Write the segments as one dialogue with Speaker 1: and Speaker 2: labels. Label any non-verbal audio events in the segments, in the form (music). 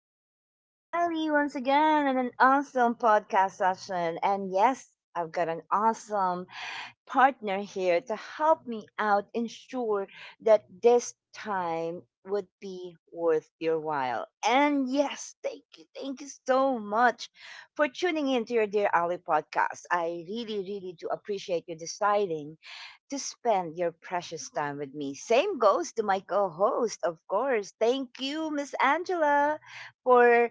Speaker 1: This is your dear Ali once again on an awesome podcast session. And yes, I've got an awesome partner here to help me out ensure that this time would be worth your while. And yes, thank you. Thank you so much for tuning in to your Dear Ali podcast. I really, really do appreciate you deciding to spend your precious time with me. Same goes to my co host, of course. Thank you, Miss Angela, for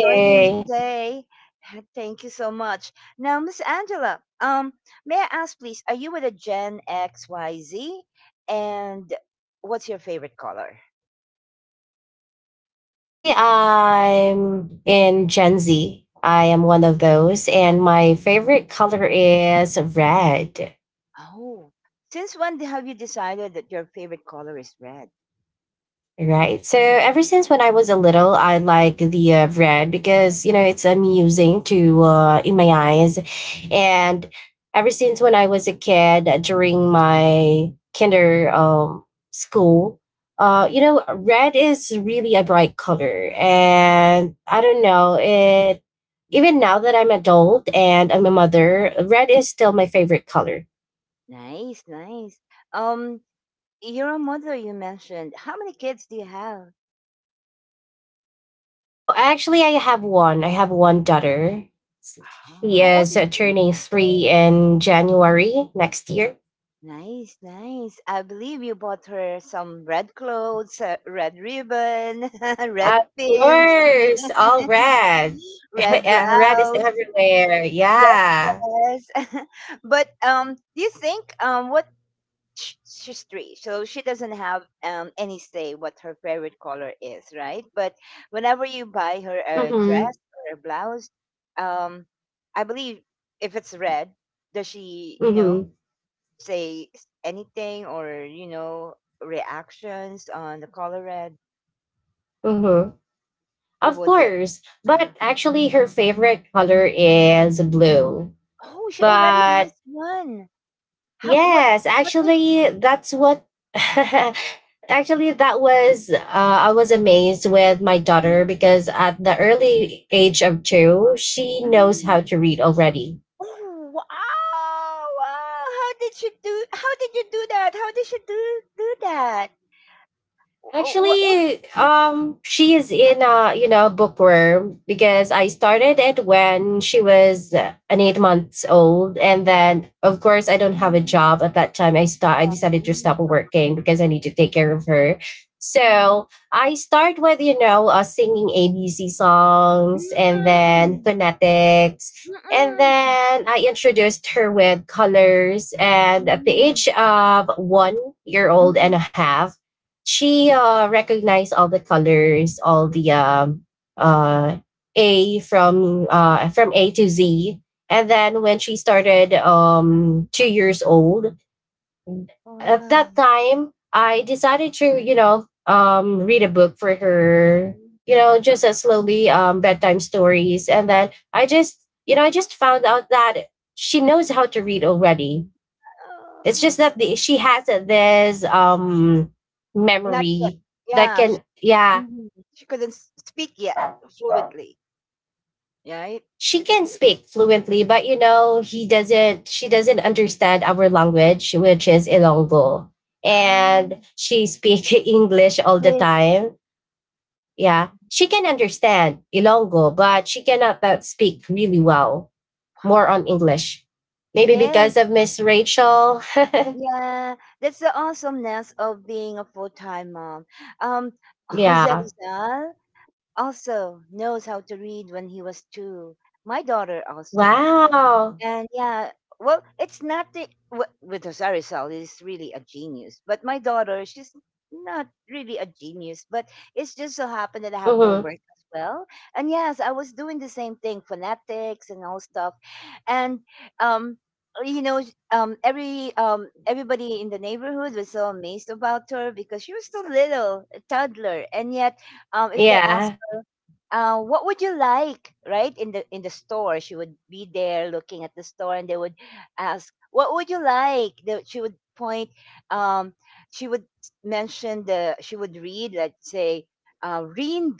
Speaker 1: joining me today. (laughs) Thank you so much. Now, Miss Angela, may I ask, please, are you with a Gen XYZ? And what's your favorite color?
Speaker 2: actually, I'm in Gen Z. I am one of those, and my favorite color is red.
Speaker 1: Oh, since when have you decided that your favorite color is red?
Speaker 2: Right. So ever since when I was a little, I like the red because you know it's amusing to in my eyes, and ever since when I was a kid during my kinder school, you know, red is really a bright color, and I don't know it. Even now that I'm adult and I'm a mother, red is still my favorite color.
Speaker 1: Nice, nice. Um, you're a mother, you mentioned. How many kids do you have?
Speaker 2: Oh, actually, I have one. I have one daughter.
Speaker 1: How
Speaker 2: She
Speaker 1: how old
Speaker 2: is
Speaker 1: is she?
Speaker 2: turning three in January next year.
Speaker 1: Nice, nice. I believe you bought her some red clothes, red ribbon, (laughs) red
Speaker 2: Of
Speaker 1: pins,
Speaker 2: course, all red.
Speaker 1: (laughs)
Speaker 2: (laughs)
Speaker 1: red
Speaker 2: Yeah, red is
Speaker 1: blouse,
Speaker 2: everywhere.
Speaker 1: red
Speaker 2: Yeah.
Speaker 1: dress. (laughs) But do you think, she's three, so she doesn't have any say what her favorite color is, right? But whenever you buy her a dress
Speaker 2: Mhm.
Speaker 1: or a blouse, um, I believe if it's red, does she,
Speaker 2: Mhm.
Speaker 1: say anything or reactions on the color red?
Speaker 2: Mhm. Of
Speaker 1: Would it
Speaker 2: course,
Speaker 1: uh,
Speaker 2: but actually, her favorite color is blue.
Speaker 1: oh, she already has
Speaker 2: But
Speaker 1: one. How
Speaker 2: yes,
Speaker 1: what did
Speaker 2: actually, that's what. (laughs) Actually, that was I was amazed with my daughter because at the early age of two, she knows how
Speaker 1: Mhm.
Speaker 2: to read already.
Speaker 1: Oh, wow, wow. How did you do that? How did she do that? What was
Speaker 2: Actually, she is in a you know bookworm because I started it when she was an 8 months old, and then of course I don't have a
Speaker 1: Mm-mm.
Speaker 2: job at that time. I decided to stop working because I need to take care of her. So I start with you know singing ABC songs and then
Speaker 1: Mm-mm.
Speaker 2: phonetics, and
Speaker 1: Mm-mm.
Speaker 2: then I introduced her with colors. And at the
Speaker 1: Yes.
Speaker 2: age of 1 year old and a
Speaker 1: Mm-mm.
Speaker 2: half, she recognized all the colors, all the uh, A from A to Z. And then when she
Speaker 1: Oh.
Speaker 2: started 2 years old, at that time I decided to you know read a book for her. You know, just as
Speaker 1: Wow.
Speaker 2: slowly bedtime stories, and then I just you know I just found out that she knows how to read already. It's
Speaker 1: Oh.
Speaker 2: just that, she has this
Speaker 1: Not yet.
Speaker 2: memory that
Speaker 1: Yeah. She,
Speaker 2: can yeah,
Speaker 1: mhm. She couldn't speak yet fluently, right?
Speaker 2: she
Speaker 1: Because
Speaker 2: can
Speaker 1: she,
Speaker 2: speak fluently, but you know he doesn't. She doesn't understand our language, which is Ilonggo, and
Speaker 1: um,
Speaker 2: she speak (laughs) English all the
Speaker 1: English.
Speaker 2: time. Yeah, she can understand Ilonggo, but she cannot that speak really well. More on English, maybe
Speaker 1: Yes,
Speaker 2: because of Miss Rachel.
Speaker 1: yeah, that's the awesomeness of being a full-time mom. Um,
Speaker 2: (laughs)
Speaker 1: Jose
Speaker 2: Yeah.
Speaker 1: Rizal also knows how to read when he was two. My daughter also.
Speaker 2: Wow.
Speaker 1: And yeah, well, it's not with Rosario is really a genius, but my daughter, she's not really a genius, but it's just so happened that I have no
Speaker 2: Mm-hmm.
Speaker 1: work as well. And yes, I was doing the same thing, phonetics and all stuff, and um. Every everybody in the neighborhood was so amazed about her because she was so little, a toddler, and yet, if they asked,
Speaker 2: Yeah.
Speaker 1: what would you like, right, in the store? She would be there looking at the store, and they would ask, what would you like? She would point, um, she would mention the she would read, let's say,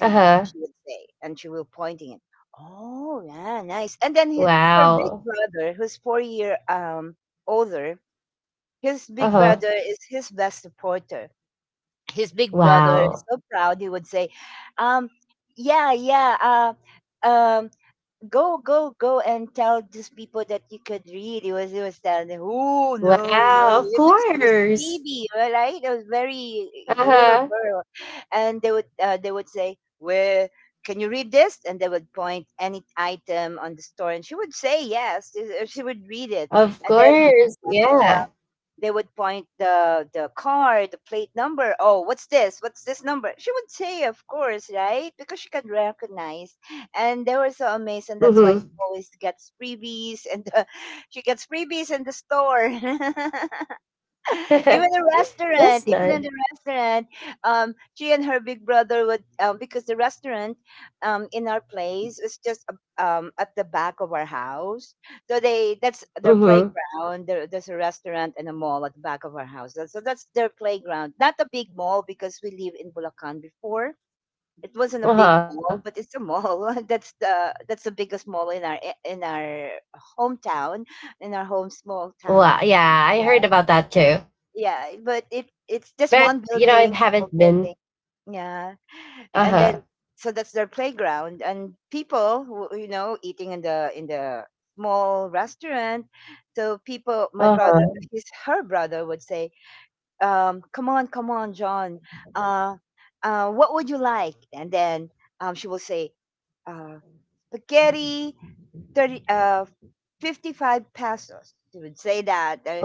Speaker 2: Uh huh.
Speaker 1: she would say, and she will pointing it. Oh, yeah, nice. And then her big
Speaker 2: Wow.
Speaker 1: brother, who's 4 year older, his big
Speaker 2: Uh-huh.
Speaker 1: brother is his best supporter. His big brother is
Speaker 2: Wow.
Speaker 1: so proud. He would say, um yeah, yeah, go, go, go, and tell these people that you could read. He was telling them, oh, no, no,
Speaker 2: Wow. Of
Speaker 1: yeah, because he was a
Speaker 2: course.
Speaker 1: baby, right? I was very little
Speaker 2: Uh-huh.
Speaker 1: girl, and they would say, where, can you read this? And they would point any item on the store, and she would say yes, she would read it.
Speaker 2: Of
Speaker 1: And then
Speaker 2: course. Yeah.
Speaker 1: they would point the car, the plate number. Oh, what's this? What's this number? She would say, of course, right? Because she can recognize. And they were so amazed, and that's why she
Speaker 2: Mm-hmm.
Speaker 1: always gets freebies, and (laughs) she gets freebies in the store. (laughs) (laughs)
Speaker 2: (laughs) That's
Speaker 1: Even in the
Speaker 2: nice.
Speaker 1: restaurant, she and her big brother would because the restaurant in our place is just at the back of our house. So they that's their
Speaker 2: Mm-hmm.
Speaker 1: playground. There's a restaurant and a mall at the back of our house. So that's their playground, not a big mall because we live in Bulacan before. It wasn't a big
Speaker 2: Uh-huh.
Speaker 1: mall, but it's a mall. (laughs) That's the biggest mall in our hometown, in our home small town.
Speaker 2: Wow. Yeah, I
Speaker 1: Yeah.
Speaker 2: heard about that too.
Speaker 1: Yeah, but it's just one
Speaker 2: But you know, I
Speaker 1: building, small
Speaker 2: haven't
Speaker 1: building.
Speaker 2: been.
Speaker 1: Yeah, and then
Speaker 2: Uh-huh.
Speaker 1: so that's their playground, and people who eating in the small restaurant. So people, my brother,
Speaker 2: Uh-huh.
Speaker 1: his her brother would say, "Come on, come on, John. Uh, what would you like?" And then she will say, uh, spaghetti 30 55 pesos, she would say that.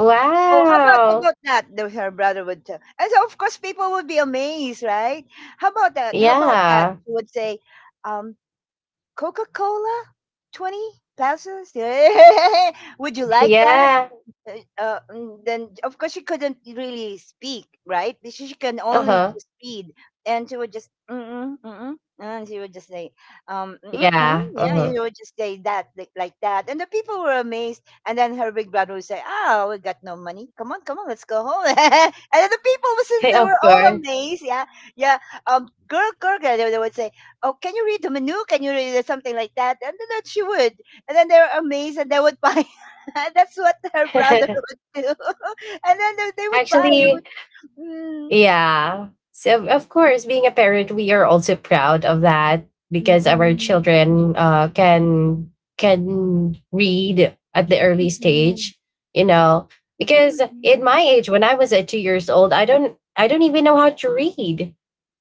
Speaker 1: oh, how about how about that? Her brother would tell, and so of course people would be amazed, right? How about that?
Speaker 2: Yeah. (laughs)
Speaker 1: She would say. um coca-cola 20 pesos. (laughs) Would you like that?
Speaker 2: Yeah.
Speaker 1: uh, then of course she couldn't really speak, right? She can only
Speaker 2: Uh-huh.
Speaker 1: just read, and she would just and she would just say,
Speaker 2: Yeah.
Speaker 1: yeah,
Speaker 2: Uh-huh.
Speaker 1: she would just say that, like that, and the people were amazed. And then her big brother would say, "Ah, we got no money. Come on, come on, let's go home." (laughs) And then the people,
Speaker 2: (laughs)
Speaker 1: since they were
Speaker 2: Of
Speaker 1: all
Speaker 2: course.
Speaker 1: amazed, yeah, yeah, girl, girl, girl, they would say, "Oh, can you read the menu? Can you read something like that?" And then she would, and then they were amazed, and they would (laughs) buy. (laughs) That's what her brother
Speaker 2: (laughs)
Speaker 1: would do. (laughs) And then they would buy. You
Speaker 2: Actually,
Speaker 1: would, mm,
Speaker 2: yeah. So of course, being a parent, we are also proud of that because our
Speaker 1: mm-mm,
Speaker 2: children can read at the early
Speaker 1: mm-mm,
Speaker 2: stage. You know, because
Speaker 1: mm-mm,
Speaker 2: in my age, when I was at 2 years old, I don't even know how to read.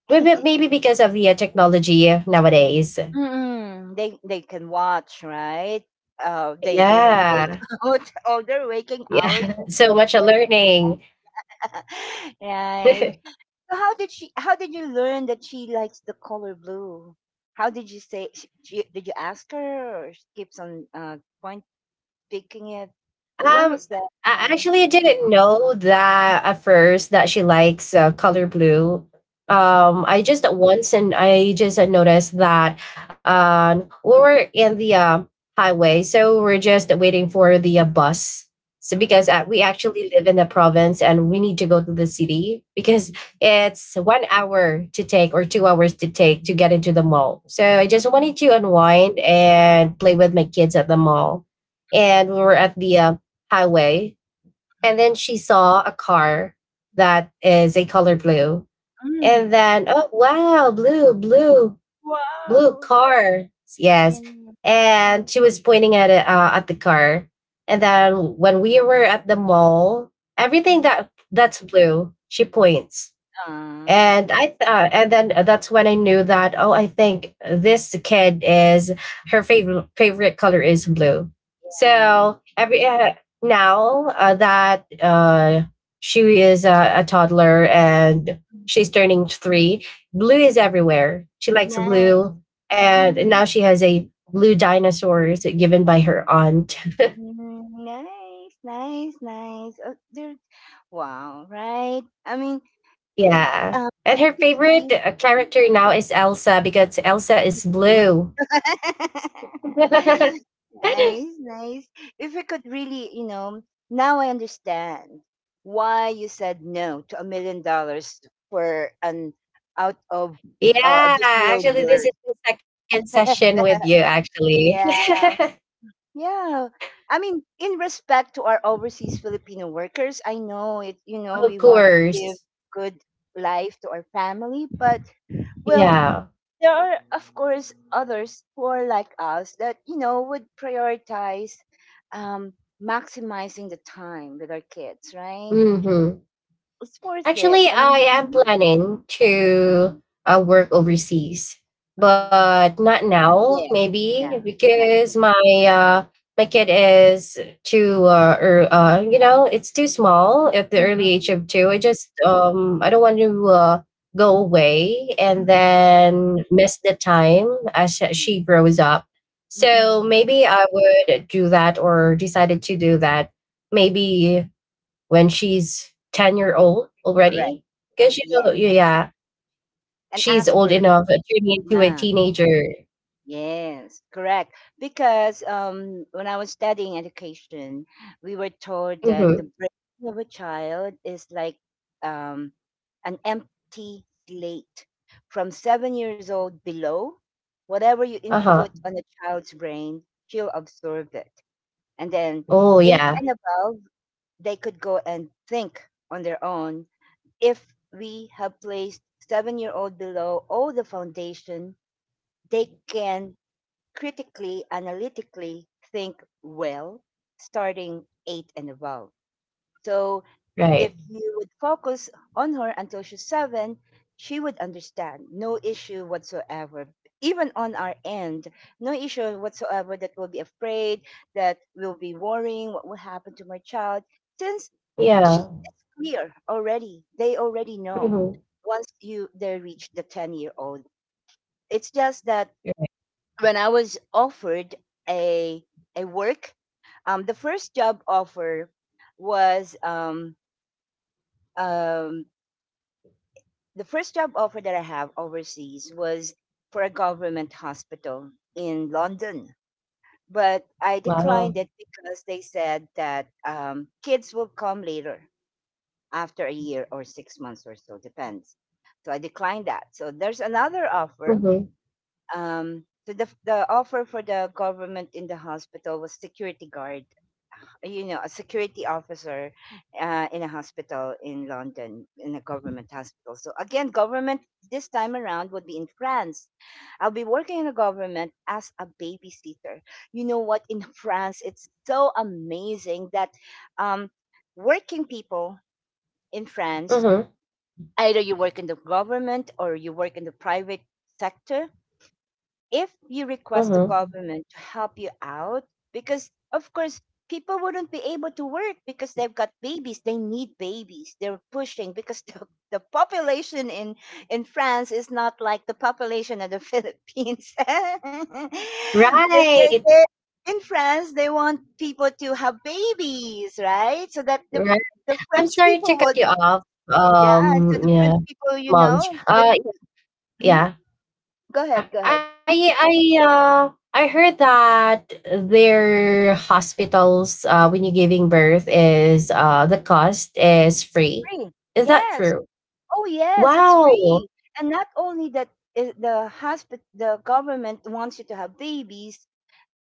Speaker 2: Maybe because of the technology nowadays.
Speaker 1: mm-mm. They can watch, right. Day in and day
Speaker 2: Yeah.
Speaker 1: (laughs) out. All their waking hours
Speaker 2: Yeah.
Speaker 1: is
Speaker 2: (laughs) So much
Speaker 1: there.
Speaker 2: learning.
Speaker 1: (laughs) Right.
Speaker 2: (laughs)
Speaker 1: So how did she? How did you learn that she likes the color blue? How did you say? She, did you ask her, or she keeps on point picking it? When
Speaker 2: Um,
Speaker 1: was that
Speaker 2: I
Speaker 1: time?
Speaker 2: actually I didn't know that at first that she likes color blue.
Speaker 1: Mm-hmm.
Speaker 2: I just once and I just had noticed that we were in the highway, so we're just waiting for the bus. So
Speaker 1: Mm-hmm.
Speaker 2: because we actually live in the province and we need to go to the city because it's 1 hour to take or 2 hours to take to get into the mall. So I just wanted to unwind and play with my kids at the mall, and we
Speaker 1: Mm,
Speaker 2: were at the highway. And
Speaker 1: mhm.
Speaker 2: then she saw a car that is a color blue.
Speaker 1: Mm.
Speaker 2: And then, oh, wow, blue, blue, blue
Speaker 1: Wow.
Speaker 2: car. Yes.
Speaker 1: Yun.
Speaker 2: And she was pointing at it, at the car. And then when we were at the mall, everything
Speaker 1: Mhm.
Speaker 2: that's blue, she points,
Speaker 1: Ah,
Speaker 2: and then that's when I knew that, oh, I think this kid is, her favorite color is blue.
Speaker 1: yeah.
Speaker 2: So every now that she is a toddler and
Speaker 1: Mm.
Speaker 2: she's turning three, blue is everywhere, she likes
Speaker 1: Nice.
Speaker 2: blue. And
Speaker 1: Hmm.
Speaker 2: now she has a blue dinosaurs given by her
Speaker 1: Um,
Speaker 2: aunt.
Speaker 1: Mm. Nice, nice, nice. Oh, there. Wow, right? I mean,
Speaker 2: Yeah.
Speaker 1: um,
Speaker 2: And
Speaker 1: we
Speaker 2: her
Speaker 1: could
Speaker 2: favorite
Speaker 1: really. Mhm.
Speaker 2: character now is Elsa because Elsa
Speaker 1: This
Speaker 2: is
Speaker 1: is
Speaker 2: blue.
Speaker 1: (laughs)
Speaker 2: (laughs)
Speaker 1: nice, nice. If we could really, now I understand why you said no to $1 million for an out of
Speaker 2: Yeah,
Speaker 1: this world
Speaker 2: actually, this
Speaker 1: work.
Speaker 2: is the second session
Speaker 1: (laughs)
Speaker 2: with you, actually.
Speaker 1: Yeah, yeah. I mean, in respect to our overseas Filipino workers, I know it.
Speaker 2: (laughs) Of
Speaker 1: We want to give
Speaker 2: course.
Speaker 1: good life to our family, but well,
Speaker 2: Yeah.
Speaker 1: there are of course others who are like us that would prioritize um maximizing the time with our kids, right.
Speaker 2: Hmm.
Speaker 1: It's worth it,
Speaker 2: Actually,
Speaker 1: I
Speaker 2: I
Speaker 1: mean.
Speaker 2: am
Speaker 1: Mhm.
Speaker 2: planning to
Speaker 1: Mhm.
Speaker 2: work overseas,
Speaker 1: uh,
Speaker 2: but not
Speaker 1: not
Speaker 2: now,
Speaker 1: yet. Yeah,
Speaker 2: maybe
Speaker 1: not yet.
Speaker 2: because uh, my kid is, too you know, it's too small at the early age of two. I don't want to go away and
Speaker 1: Mm-mm,
Speaker 2: then miss the time as sh-
Speaker 1: mm-mm,
Speaker 2: she grows up. So
Speaker 1: mm-mm.
Speaker 2: maybe I would do that or decided to do that maybe when she's 10-year-old
Speaker 1: Correct.
Speaker 2: already because you
Speaker 1: Yes,
Speaker 2: know, yeah,
Speaker 1: and
Speaker 2: she's
Speaker 1: ask
Speaker 2: old
Speaker 1: her.
Speaker 2: enough, turning into a
Speaker 1: Yeah.
Speaker 2: teenager.
Speaker 1: Yes, correct. Because when I was studying education, we were told that the
Speaker 2: Mm-hmm.
Speaker 1: brain of a child is like um, an empty slate. From 7 years old below, whatever you
Speaker 2: Uh-huh.
Speaker 1: input on a child's brain, she'll absorb it. And then
Speaker 2: Oh,
Speaker 1: eight
Speaker 2: yeah.
Speaker 1: and above, they could go and think on their own. If we have placed 7 year old below all the foundation, they can critically, analytically think well, starting eight and above. So if
Speaker 2: Right.
Speaker 1: you would focus on her until she's seven, she would understand. No issue whatsoever. Even on our end, no issue whatsoever that we'll be afraid, that we'll be worrying what will happen to my child. Since she,
Speaker 2: Yeah.
Speaker 1: it's clear already, they already know
Speaker 2: Mm-hmm.
Speaker 1: once you they reach the 10-year-old. It's just that when I was offered a a work, the first job offer was um, the first job offer that I have overseas was for a government hospital in London. But I declined it
Speaker 2: Wow.
Speaker 1: because they said that kids will come later after a year or 6 months or so, depends. So I declined that. So there's another offer.
Speaker 2: Mm-hmm.
Speaker 1: So the offer for the government in the hospital was security guard, you know, a security officer in a hospital in London, in a government hospital. So again, government this time around would be in France. I'll be working in the government as a babysitter. You know what? In (laughs) France, it's so amazing that um, working people in France,
Speaker 2: Mm-hmm.
Speaker 1: either you work in the government or you work in the private sector, if you request the
Speaker 2: Mm-hmm.
Speaker 1: government to help you out, because of course, people wouldn't be able to work because they've got babies. They need babies. They're pushing because (laughs) the population in France is not like the population of the (laughs) Philippines. (laughs) They- they-
Speaker 2: Right,
Speaker 1: they- in France, they want people to have babies, right? So that the,
Speaker 2: right.
Speaker 1: the
Speaker 2: I'm
Speaker 1: French
Speaker 2: sorry to
Speaker 1: people
Speaker 2: cut
Speaker 1: would,
Speaker 2: you off.
Speaker 1: yeah, so the
Speaker 2: Yeah,
Speaker 1: French people,
Speaker 2: Mom.
Speaker 1: could.
Speaker 2: uh
Speaker 1: Mhm.
Speaker 2: yeah.
Speaker 1: Go ahead, go ahead.
Speaker 2: I heard that their hospitals when you're giving birth is, the cost is free.
Speaker 1: Free.
Speaker 2: Is that
Speaker 1: Yes,
Speaker 2: true?
Speaker 1: oh yes, it's
Speaker 2: Wow.
Speaker 1: free. And not only that the government wants you to have babies,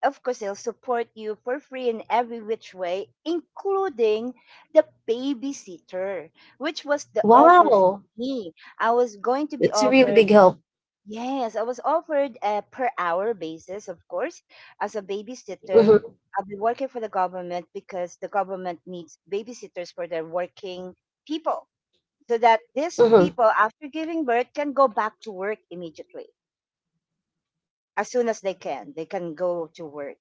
Speaker 1: of course they'll support you for free in every which way, including the babysitter, which was the offer for
Speaker 2: Wow.
Speaker 1: me. I was going to be
Speaker 2: It's a really
Speaker 1: offered
Speaker 2: big help.
Speaker 1: Yes, I was offered a per hour basis, of course, as a
Speaker 2: Mm-hmm.
Speaker 1: babysitter. I'll be working for the government because the government needs babysitters for their working people, so that these
Speaker 2: Mm-hmm.
Speaker 1: people after giving birth can go back to work immediately, as soon as they can go to work.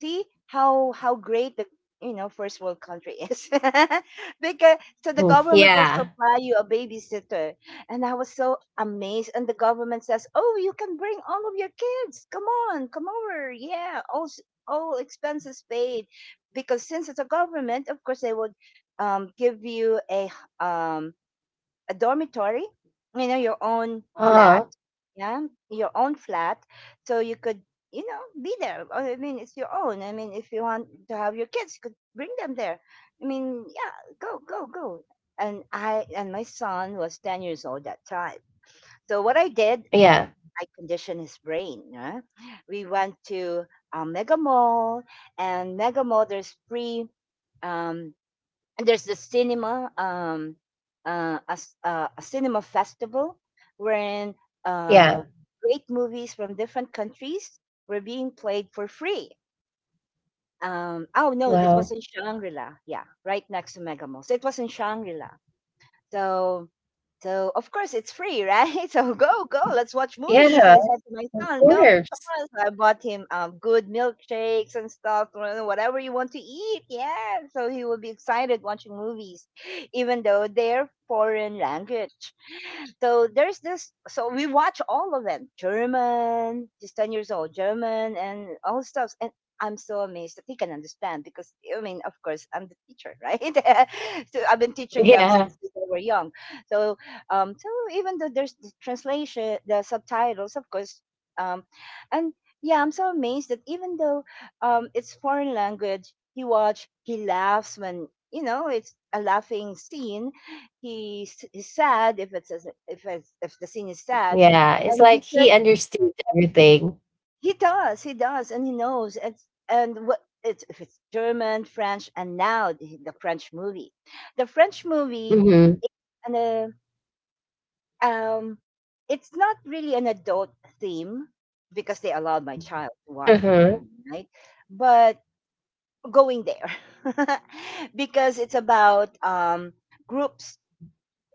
Speaker 1: See how great the, you know, first world country is (laughs) because so the government will
Speaker 2: Yeah.
Speaker 1: supply you a babysitter. And I was so amazed, and the government says, oh, you can bring all of your kids, come on, come over, yeah, all expenses paid. Because since it's a government, of course they would give you a a dormitory, you know, your own
Speaker 2: Uh-huh.
Speaker 1: flat. Yeah, your own flat. So you could, you know, be there. Or, I mean, it's your own. I mean, if you want to have your kids, you could bring them there. I mean, yeah, go, go, go. And my son was 10 years old that time. So what I did,
Speaker 2: Yeah.
Speaker 1: I conditioned his brain. Yeah. We went to Mega Mall, and Mega Mall, there's free um, and there's the cinema a cinema festival wherein
Speaker 2: Yeah.
Speaker 1: uh great movies from different countries were being played for free. Oh no, it
Speaker 2: Wow.
Speaker 1: was in Shangri-La, yeah, right next to Mega Mall, so it was in Shangri-La. So so of course it's free, right? (laughs) So go, go, let's watch movies.
Speaker 2: Yeah,
Speaker 1: I said to my
Speaker 2: of
Speaker 1: son, go, go, come
Speaker 2: course.
Speaker 1: on. So I bought him good milkshakes and stuff, whatever you want to eat. Yeah. So he will be excited watching movies, even though they're foreign language. So there's this, so we watch all of them. German, he's 10 years old, German and all stuff. And I'm so amazed that he can understand because, I mean, of course, I'm the teacher, (laughs) right? (laughs) So I've been teaching them
Speaker 2: Yeah.
Speaker 1: since they were young. So so even though there's the translation, the subtitles, of course, um, and yeah, I'm so amazed that even though, it's foreign language, he watch, he laughs when, you know, it's a laughing scene. He's sad if it's, if the scene is sad,
Speaker 2: Yeah. It's
Speaker 1: and
Speaker 2: like
Speaker 1: he
Speaker 2: he
Speaker 1: could,
Speaker 2: understood everything.
Speaker 1: he does, and he knows it's, and what it's, if it's German, French. And now the French movie, the French movie
Speaker 2: Mm-hmm.
Speaker 1: and the Um, it's not really an adult theme because they allowed my child to watch it,
Speaker 2: Mm-hmm.
Speaker 1: right? But going there (laughs) because it's about, groups,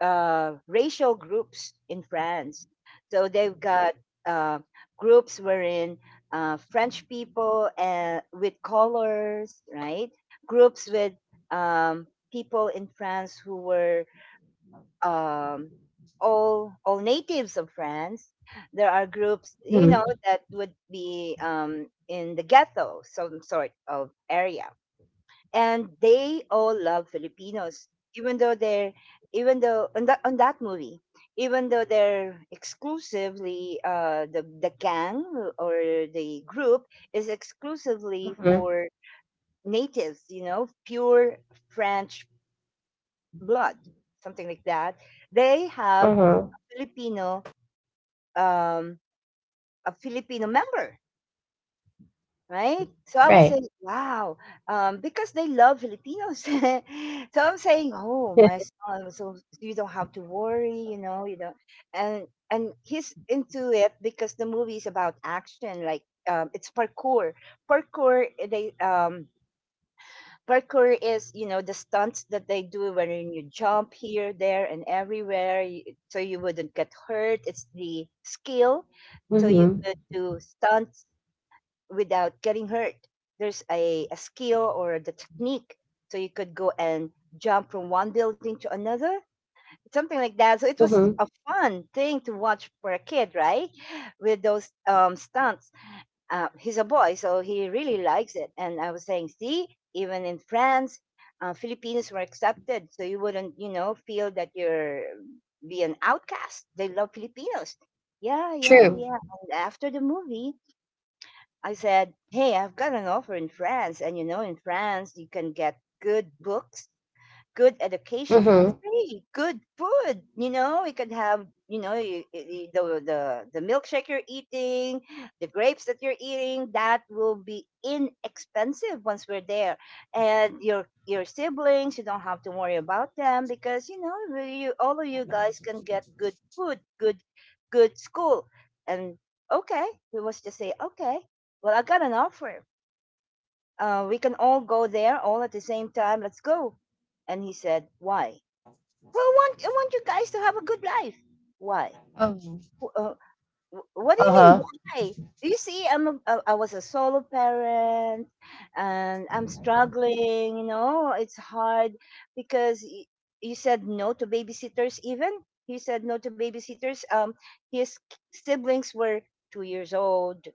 Speaker 1: racial groups in France. So they've got uh, groups wherein French people, with colors, right? Groups with um, people in France who were, um, all natives of France. There are groups, you know,
Speaker 2: Mm-hmm.
Speaker 1: that would be in the ghetto, some sort of area, and they all love Filipinos, even though they're, even though on that movie, even though they're exclusively, the gang or the group is exclusively
Speaker 2: Mm-hmm.
Speaker 1: for natives, you know, pure French blood, something like that. They have
Speaker 2: Mm-hmm.
Speaker 1: Filipino um a Filipino member, right? So I
Speaker 2: Right.
Speaker 1: was saying, wow, because they love Filipinos. (laughs) So I'm saying, oh, my
Speaker 2: (laughs)
Speaker 1: son, so you don't have to worry, you know, you know. And he's into it because the movie is about action, like, it's parkour. Parkour, they, parkour is, you know, the stunts that they do when you jump here, there and everywhere. So you wouldn't get hurt, it's the skill, so you
Speaker 2: Mm-hmm.
Speaker 1: could do stunts without getting hurt. There's a skill or the technique, so you could go and jump from one building to another, something like that. So it was a
Speaker 2: Mhm.
Speaker 1: fun thing to watch for a kid, right? With those, stunts, he's a boy, so he really likes it. And I was saying, see, even in France, Filipinos were accepted, so you wouldn't, you know, feel that you're be an outcast. They love Filipinos. Yeah, yeah, yeah.
Speaker 2: True.
Speaker 1: And after the movie, I said, hey, I've got an offer in France, and you know, in France, you can get good books, good education for free,
Speaker 2: Mhm.
Speaker 1: good food. You know, you can have, you know, you, the milkshake you're eating, the grapes that you're eating. That will be inexpensive once we're there, and your siblings. You don't have to worry about them because, you know, you, all of you guys can get good food, good good school, and okay, we was just say okay. Well, I got an offer, we can all go there all at the same time. Let's go. And he said, why? Well, I want you guys to have a good life.
Speaker 2: Oh.
Speaker 1: Why? "Wh- Uh, what do you mean,
Speaker 2: Uh-huh.
Speaker 1: why? You see, I'm a, I was a solo parent, and I'm struggling, you know, it's hard because you said no to babysitters even. He said no to babysitters. His siblings were 2 years old,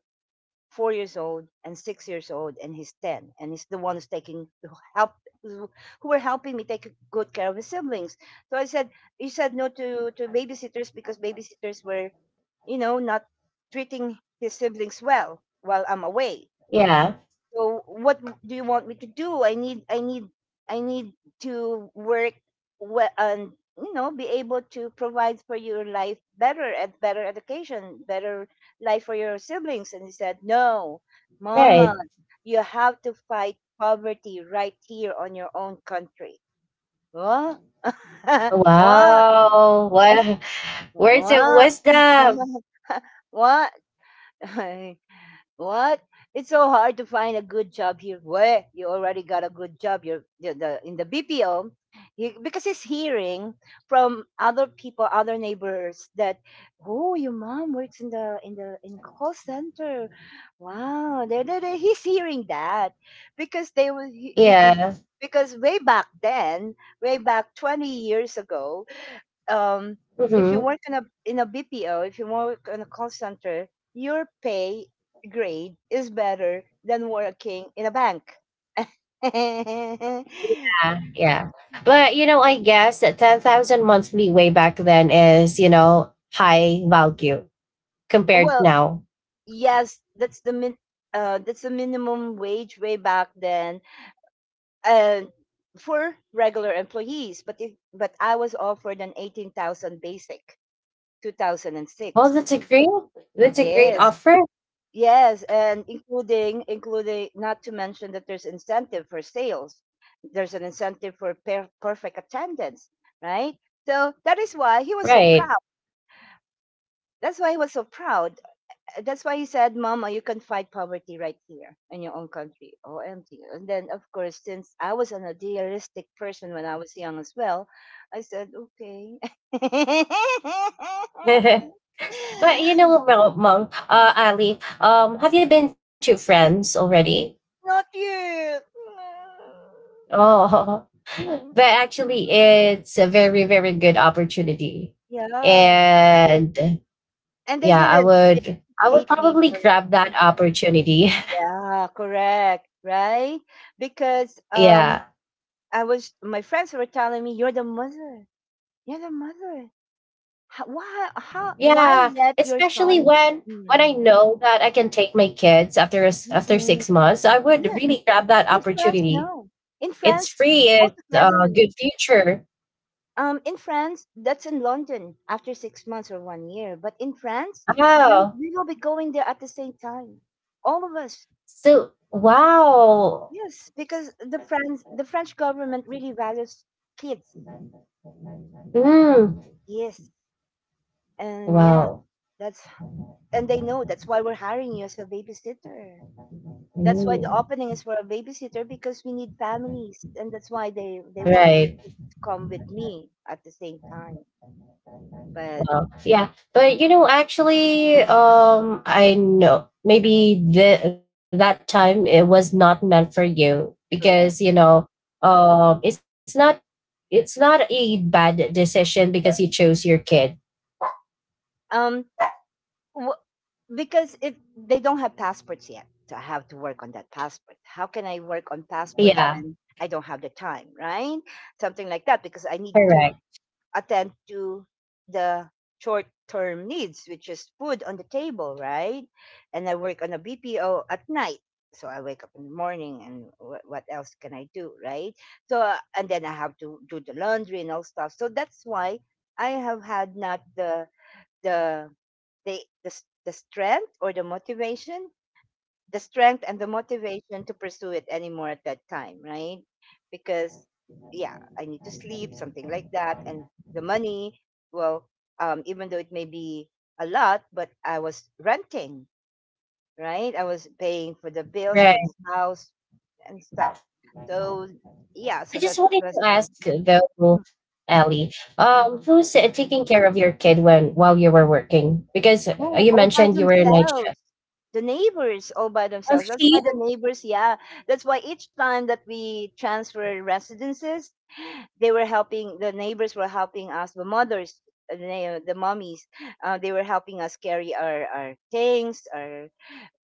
Speaker 1: 4 years old and 6 years old, and he's ten, and he's the one who were helping me take good care of his siblings. So I said, he said no to babysitters because babysitters were, you know, not treating his siblings well while I'm away.
Speaker 2: Yeah.
Speaker 1: So what do you want me to do? I need to work well, and you know, be able to provide for your life better, at better education, better life for your siblings. And he said, No, mama,
Speaker 2: Right.
Speaker 1: you have to fight poverty right here on your own country. What? (laughs) What?
Speaker 2: Wow.
Speaker 1: I said,
Speaker 2: What words of
Speaker 1: what?
Speaker 2: wisdom.
Speaker 1: (laughs) What? (laughs) What? It's so hard to find a good job here. Where you already got a good job, you're the in the BPO, he, because he's hearing from other people, other neighbors that, oh, your mom works in the in call center. Wow, he's hearing that because they were
Speaker 2: Yeah.
Speaker 1: because way back then, way back 20 years ago, um, if you work
Speaker 2: Mhm.
Speaker 1: in a BPO, if you work in a call center, your pay grade is better than working in a bank. (laughs)
Speaker 2: Yeah. Yeah. But you know, I guess that 10,000 monthly way back then is, you know, high value compared
Speaker 1: Well,
Speaker 2: now.
Speaker 1: yes, that's the that's the minimum wage way back then, and for regular employees. But if but I was offered an 18,000 basic, two thousand and
Speaker 2: Oh,
Speaker 1: six.
Speaker 2: that's a great
Speaker 1: Yes,
Speaker 2: offer.
Speaker 1: Yes, and including, not to mention that there's incentive for sales. There's an incentive for perfect attendance, right? So that is why he was so
Speaker 2: Right.
Speaker 1: proud. That's why he was so proud. That's why he said, "Mama, you can fight poverty right here in your own country." OMG. And then of course, since I was an idealistic person when I was young as well, I said, "Okay."
Speaker 2: (laughs) But you
Speaker 1: (laughs)
Speaker 2: know, Mom, Mom, Ali, have you been to France already?
Speaker 1: Not you.
Speaker 2: Oh. (laughs)
Speaker 1: Mm.
Speaker 2: But actually,
Speaker 1: Mm.
Speaker 2: it's a very, very good opportunity,
Speaker 1: Yeah.
Speaker 2: and
Speaker 1: And
Speaker 2: yeah, I
Speaker 1: they
Speaker 2: would,
Speaker 1: didn't
Speaker 2: I would
Speaker 1: hate me
Speaker 2: probably
Speaker 1: for it.
Speaker 2: grab that opportunity.
Speaker 1: Yeah, correct. Right? Because
Speaker 2: (laughs) Yeah,
Speaker 1: I was my friends were telling me, You're the mother. You're the mother. How, why, how why
Speaker 2: yeah,
Speaker 1: let your
Speaker 2: especially
Speaker 1: son.
Speaker 2: when I
Speaker 1: Mm,
Speaker 2: know that I can take my kids after after
Speaker 1: mm,
Speaker 2: 6 months, I would
Speaker 1: yeah,
Speaker 2: really grab that
Speaker 1: in France
Speaker 2: opportunity.
Speaker 1: no. In France
Speaker 2: It's free. It's
Speaker 1: altogether.
Speaker 2: a good future.
Speaker 1: Um, in France, that's in London after 6 months or 1 year. But in France,
Speaker 2: Wow.
Speaker 1: we will be going there at the same time, all of us.
Speaker 2: So wow.
Speaker 1: Yes, because the French government really values kids.
Speaker 2: Mm,
Speaker 1: Yes. And yeah,
Speaker 2: wow.
Speaker 1: that's, and they know, that's why we're hiring you as a babysitter. That's why the
Speaker 2: Mm.
Speaker 1: opening is for a babysitter because we need families, and that's why they want
Speaker 2: Right.
Speaker 1: to come with me at the same time. But
Speaker 2: Oh, yeah. But you know, actually, I know maybe that time it was not meant for you
Speaker 1: correct.
Speaker 2: because you know, um, it's not it's not a bad decision because you chose your kid.
Speaker 1: Um wh- because if they don't have passports yet, so I have to work on that passport. How can I work on passports
Speaker 2: Yeah,
Speaker 1: when I don't have the time, right? Something like that because I need to
Speaker 2: correct.
Speaker 1: attend to the short term needs, which is food on the table, right? And I work on a BPO at night. So I wake up in the morning and what else can I do, right? So, and then I have to do the laundry and all stuff. So that's why I have had not the, the, the strength or the motivation the strength and the
Speaker 2: Yeah,
Speaker 1: motivation to pursue it anymore at that time, right? Because yeah, I need to sleep, something like that, and the money. Well, even though it may be a lot, but I was renting, right? I was paying for the bills
Speaker 2: right.
Speaker 1: for the house and stuff. So yeah, so
Speaker 2: I
Speaker 1: that
Speaker 2: just wanted
Speaker 1: was.
Speaker 2: to ask
Speaker 1: Mhm.
Speaker 2: though, Ellie,
Speaker 1: Mhm.
Speaker 2: who's taking care of your kid when while you were working? Because
Speaker 1: Oh,
Speaker 2: you
Speaker 1: all by
Speaker 2: mentioned you were a night shift.
Speaker 1: themselves. The neighbors, all by
Speaker 2: A
Speaker 1: themselves.
Speaker 2: fee?
Speaker 1: That's why the neighbors, yeah. That's why each time that we transfer residences, they were helping, the neighbors were helping us, the mothers, the mommies, they were helping us carry our things, our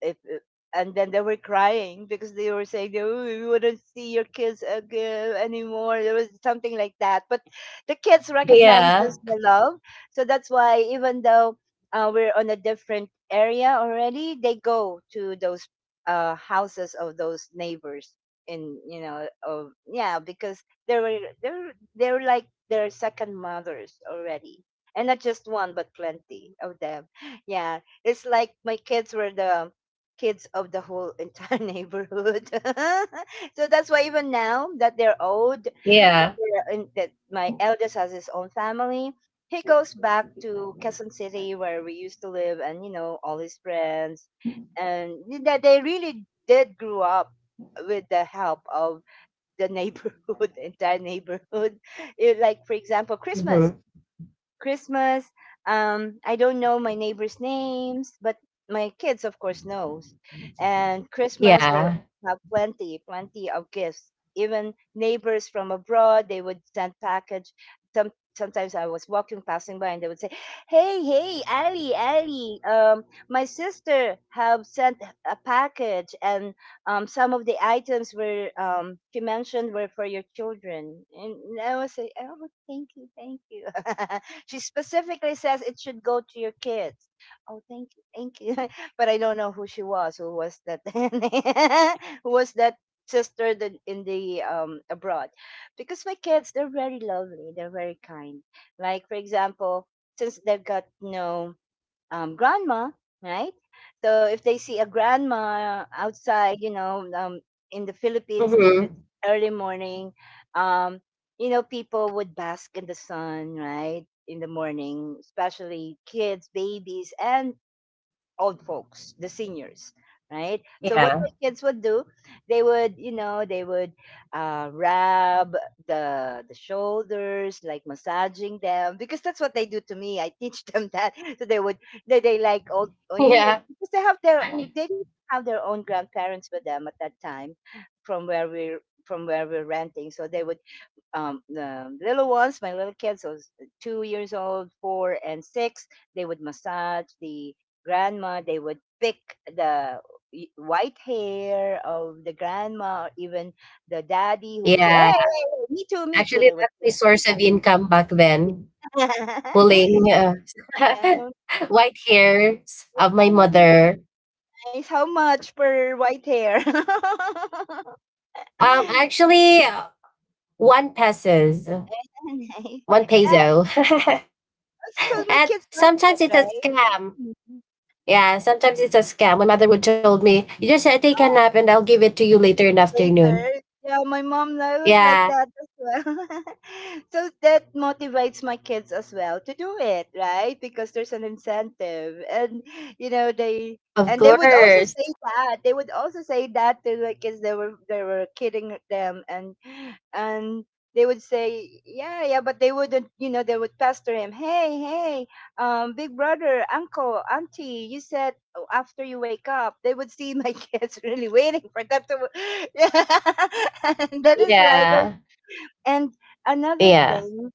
Speaker 1: if uh, and then they were crying because they were saying, oh, we wouldn't see your kids again anymore. There was something like that. But the kids
Speaker 2: Yeah,
Speaker 1: recognizes the love, so that's why even though we're on a different area already, they go to those houses of those neighbors. In you know of yeah because they were they're like their second mothers already, and not just one but plenty of them. Yeah, it's like my kids were the kids of the whole entire (laughs) neighborhood. (laughs) So that's why even now that they're old, that,
Speaker 2: yeah.
Speaker 1: they're in, that my eldest has his own family, he goes back to Quezon City where we used to live, and you know all his friends, and that they really did grow up with the help of the neighborhood, (laughs) entire neighborhood. It, like for example, Christmas. I don't know my neighbors' names, but my kids, of course, knows. And Christmas, they
Speaker 2: Yeah.
Speaker 1: have plenty, plenty of gifts. Even neighbors from abroad, they would send package. Sometimes I was walking, passing by, and they would say, "Hey, hey, Ali, Ali, my sister have sent a package, and some of the items were she mentioned were for your children," and I was like, "Oh, thank you, thank you." (laughs) She specifically says it should go to your kids. Oh, thank you, thank you. (laughs) But I don't know who she was. Who was that? (laughs) Who was that? Sister that in the abroad. Because my kids, they're very lovely, they're very kind. Like for example, since they've got no grandma, right? So if they see a grandma outside, you know, in the Philippines, if it's
Speaker 2: Mm-hmm.
Speaker 1: early morning, um, you know, people would bask in the sun, right? In the morning, especially kids, babies, and old folks, the seniors, right? So
Speaker 2: Yeah.
Speaker 1: what my kids would do, they would, you know, they would rub the shoulders, like massaging them, because that's what they do to me. I teach them that. (laughs) So they would, they like old, oh, you know,
Speaker 2: Yeah.
Speaker 1: because they have their, they didn't have their own grandparents with them at that time, from where we're from where we're renting. So they would, the little ones, my little kids, so 2 years old, four and six, they would massage the grandma. They would pick the white hair of the grandma, or even the daddy who would say, "Hey, hey,
Speaker 2: Yeah.
Speaker 1: hey, me too, me too."
Speaker 2: Actually,
Speaker 1: They would
Speaker 2: that's
Speaker 1: say
Speaker 2: my source of income back then.
Speaker 1: that. (laughs)
Speaker 2: Pulling
Speaker 1: Yeah,
Speaker 2: (laughs) white hairs of my
Speaker 1: "Oh,
Speaker 2: mother.
Speaker 1: nice. How much per white hair?" (laughs)
Speaker 2: Actually, one pesos,
Speaker 1: Nice.
Speaker 2: one
Speaker 1: Yeah,
Speaker 2: peso,
Speaker 1: so
Speaker 2: (laughs)
Speaker 1: my
Speaker 2: and
Speaker 1: kids like it,
Speaker 2: sometimes it's a
Speaker 1: right?
Speaker 2: scam.
Speaker 1: Mhm.
Speaker 2: Yeah, sometimes it's a scam. My mother would told me, "You just take a nap, and I'll give it to you later in the afternoon."
Speaker 1: Later. Yeah, my mom I was like
Speaker 2: Yeah,
Speaker 1: that as well. (laughs) So that motivates my kids as well to do it, right? Because there's an incentive. And you know, they,
Speaker 2: of
Speaker 1: and they would also
Speaker 2: course.
Speaker 1: say that. They would also say that to the kids. They were kidding them, and they would say, "Yeah, yeah," but they wouldn't, you know, they would pester him, "Hey, hey, big brother, uncle, auntie, you said after you wake up," they would see my (laughs) kids really waiting for them to. (laughs) Yeah. And that is why there's.
Speaker 2: Yeah,
Speaker 1: And another
Speaker 2: yeah.
Speaker 1: thing,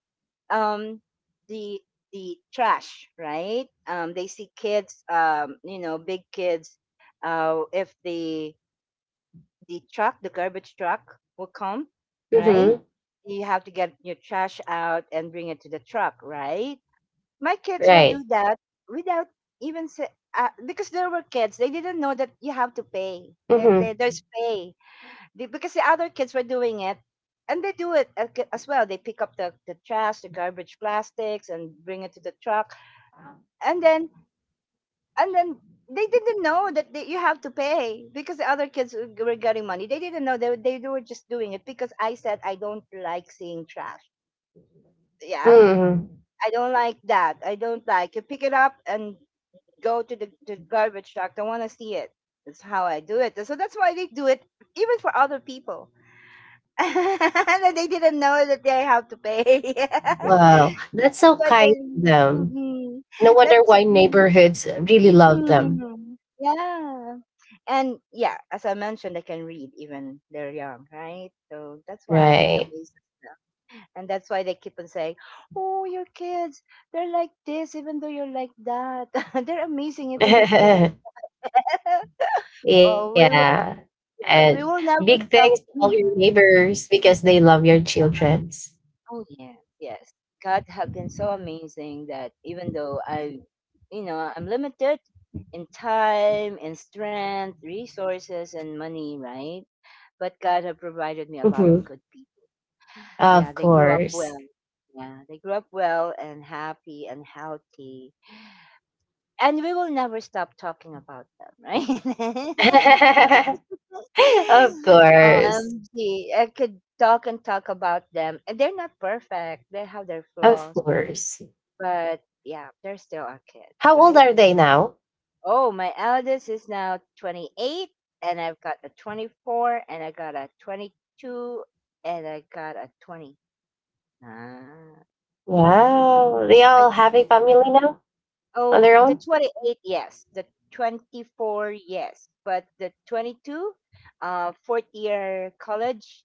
Speaker 1: um, the trash, right? They see kids, you know, big kids. If the truck, the garbage truck, will come, right?
Speaker 2: Mm-hmm.
Speaker 1: You have to get your trash out and bring it to the truck, right? My kids will
Speaker 2: Right.
Speaker 1: do that without even say, because there were kids, they didn't know that you have to pay, that
Speaker 2: Mhm,
Speaker 1: that there's pay. Because the other kids were doing it and they do it as well, they pick up the trash, the garbage plastics, and bring it to the truck. And then and then they didn't know that they, you have to pay, because the other kids were getting money. They didn't know they, they were just doing it because I said, "I don't like seeing trash, yeah.
Speaker 2: mhm.
Speaker 1: I don't like that. I don't like you pick it up and go to the garbage truck. I want to see it." That's how I do it. So that's why they do it even for other people. (laughs) And they didn't know that they have to pay. (laughs)
Speaker 2: Wow, that's
Speaker 1: That's
Speaker 2: so
Speaker 1: why
Speaker 2: kind
Speaker 1: they.
Speaker 2: to them.
Speaker 1: Mhm.
Speaker 2: No wonder
Speaker 1: That's.
Speaker 2: why neighborhoods really love them,
Speaker 1: Mhm. Yeah. And yeah, as I mentioned, they can read even they're young, right? So that's why it
Speaker 2: right?
Speaker 1: amazes them. And that's why they keep on saying, "Oh, your kids, they're like this, even though you're like that." (laughs) They're amazing, even if you're like
Speaker 2: (laughs)
Speaker 1: (laughs) oh, we will.
Speaker 2: Yeah,
Speaker 1: Yeah, we
Speaker 2: and
Speaker 1: will never
Speaker 2: big
Speaker 1: stop.
Speaker 2: thanks to all
Speaker 1: Mhm.
Speaker 2: your neighbors because they love your childrens.
Speaker 1: Oh yeah, yes. God have been so amazing that even though I, you know, I'm limited in time, in strength, resources, and money, right? But God have provided me a lot of
Speaker 2: Mhm.
Speaker 1: good people. Yeah,
Speaker 2: Of
Speaker 1: they grew up
Speaker 2: course.
Speaker 1: well. Yeah, they grew up well and happy and healthy. And we will never stop talking about them, right? (laughs) (laughs)
Speaker 2: (laughs)
Speaker 1: Yeah.
Speaker 2: Of course,
Speaker 1: OMG. I could talk and talk about them. And they're not perfect. They have their
Speaker 2: of
Speaker 1: flaws.
Speaker 2: course.
Speaker 1: But yeah, they're still our kids,
Speaker 2: How old
Speaker 1: right?
Speaker 2: are they now?
Speaker 1: Oh, my eldest is now 28, and I've got a 24, and I got a 22, and I got a 20. Ah,
Speaker 2: Wow, they
Speaker 1: I
Speaker 2: all have a family
Speaker 1: can't.
Speaker 2: now on
Speaker 1: Oh,
Speaker 2: their
Speaker 1: the
Speaker 2: own.
Speaker 1: 28, yes. The 24, yes. But the 22, fourth year college,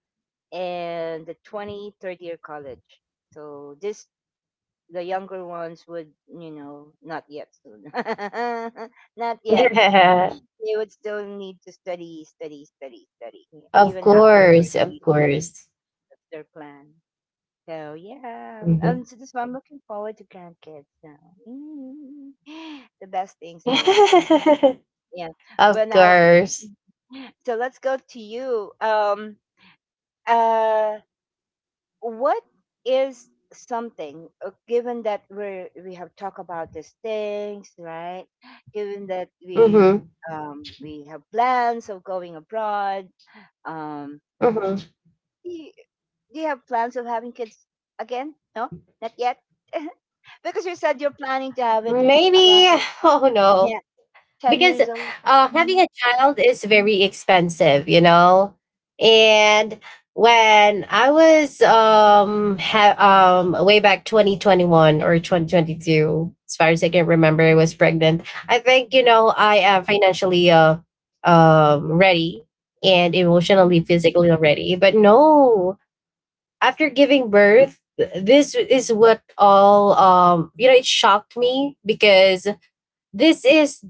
Speaker 1: and the 23rd year college. So this, the younger ones would, you know, not yet soon. (laughs) Not yet.
Speaker 2: (laughs)
Speaker 1: They would still need to study, study, study, study, yeah,
Speaker 2: Of
Speaker 1: even after
Speaker 2: course, of
Speaker 1: graduation.
Speaker 2: course.
Speaker 1: That's their plan. So yeah,
Speaker 2: Mhm.
Speaker 1: so this I'm looking forward to grandkids now. Mm, (gasps) (sighs) the best things in life. Yeah.
Speaker 2: (laughs)
Speaker 1: Well
Speaker 2: Of
Speaker 1: now,
Speaker 2: course.
Speaker 1: (sighs) so let's go to you. Uh, what is something given that we have talked about these things, right? Given that
Speaker 2: Hmm.
Speaker 1: we have plans of going abroad, um.
Speaker 2: Hmm.
Speaker 1: Do you, do you have plans of having kids again? No, not yet. (laughs) Because you said you're planning to have it
Speaker 2: Maybe.
Speaker 1: around
Speaker 2: (laughs) Oh,
Speaker 1: yeah
Speaker 2: no,
Speaker 1: 10
Speaker 2: because
Speaker 1: years old. Mhm.
Speaker 2: having a child is very expensive, you know. And when I was, way back 2021 or 2022, as far as I can remember, I was pregnant. I think, you know, I am financially, ready and emotionally physically already, but no, after giving birth, this is what all, you know, it shocked me because this is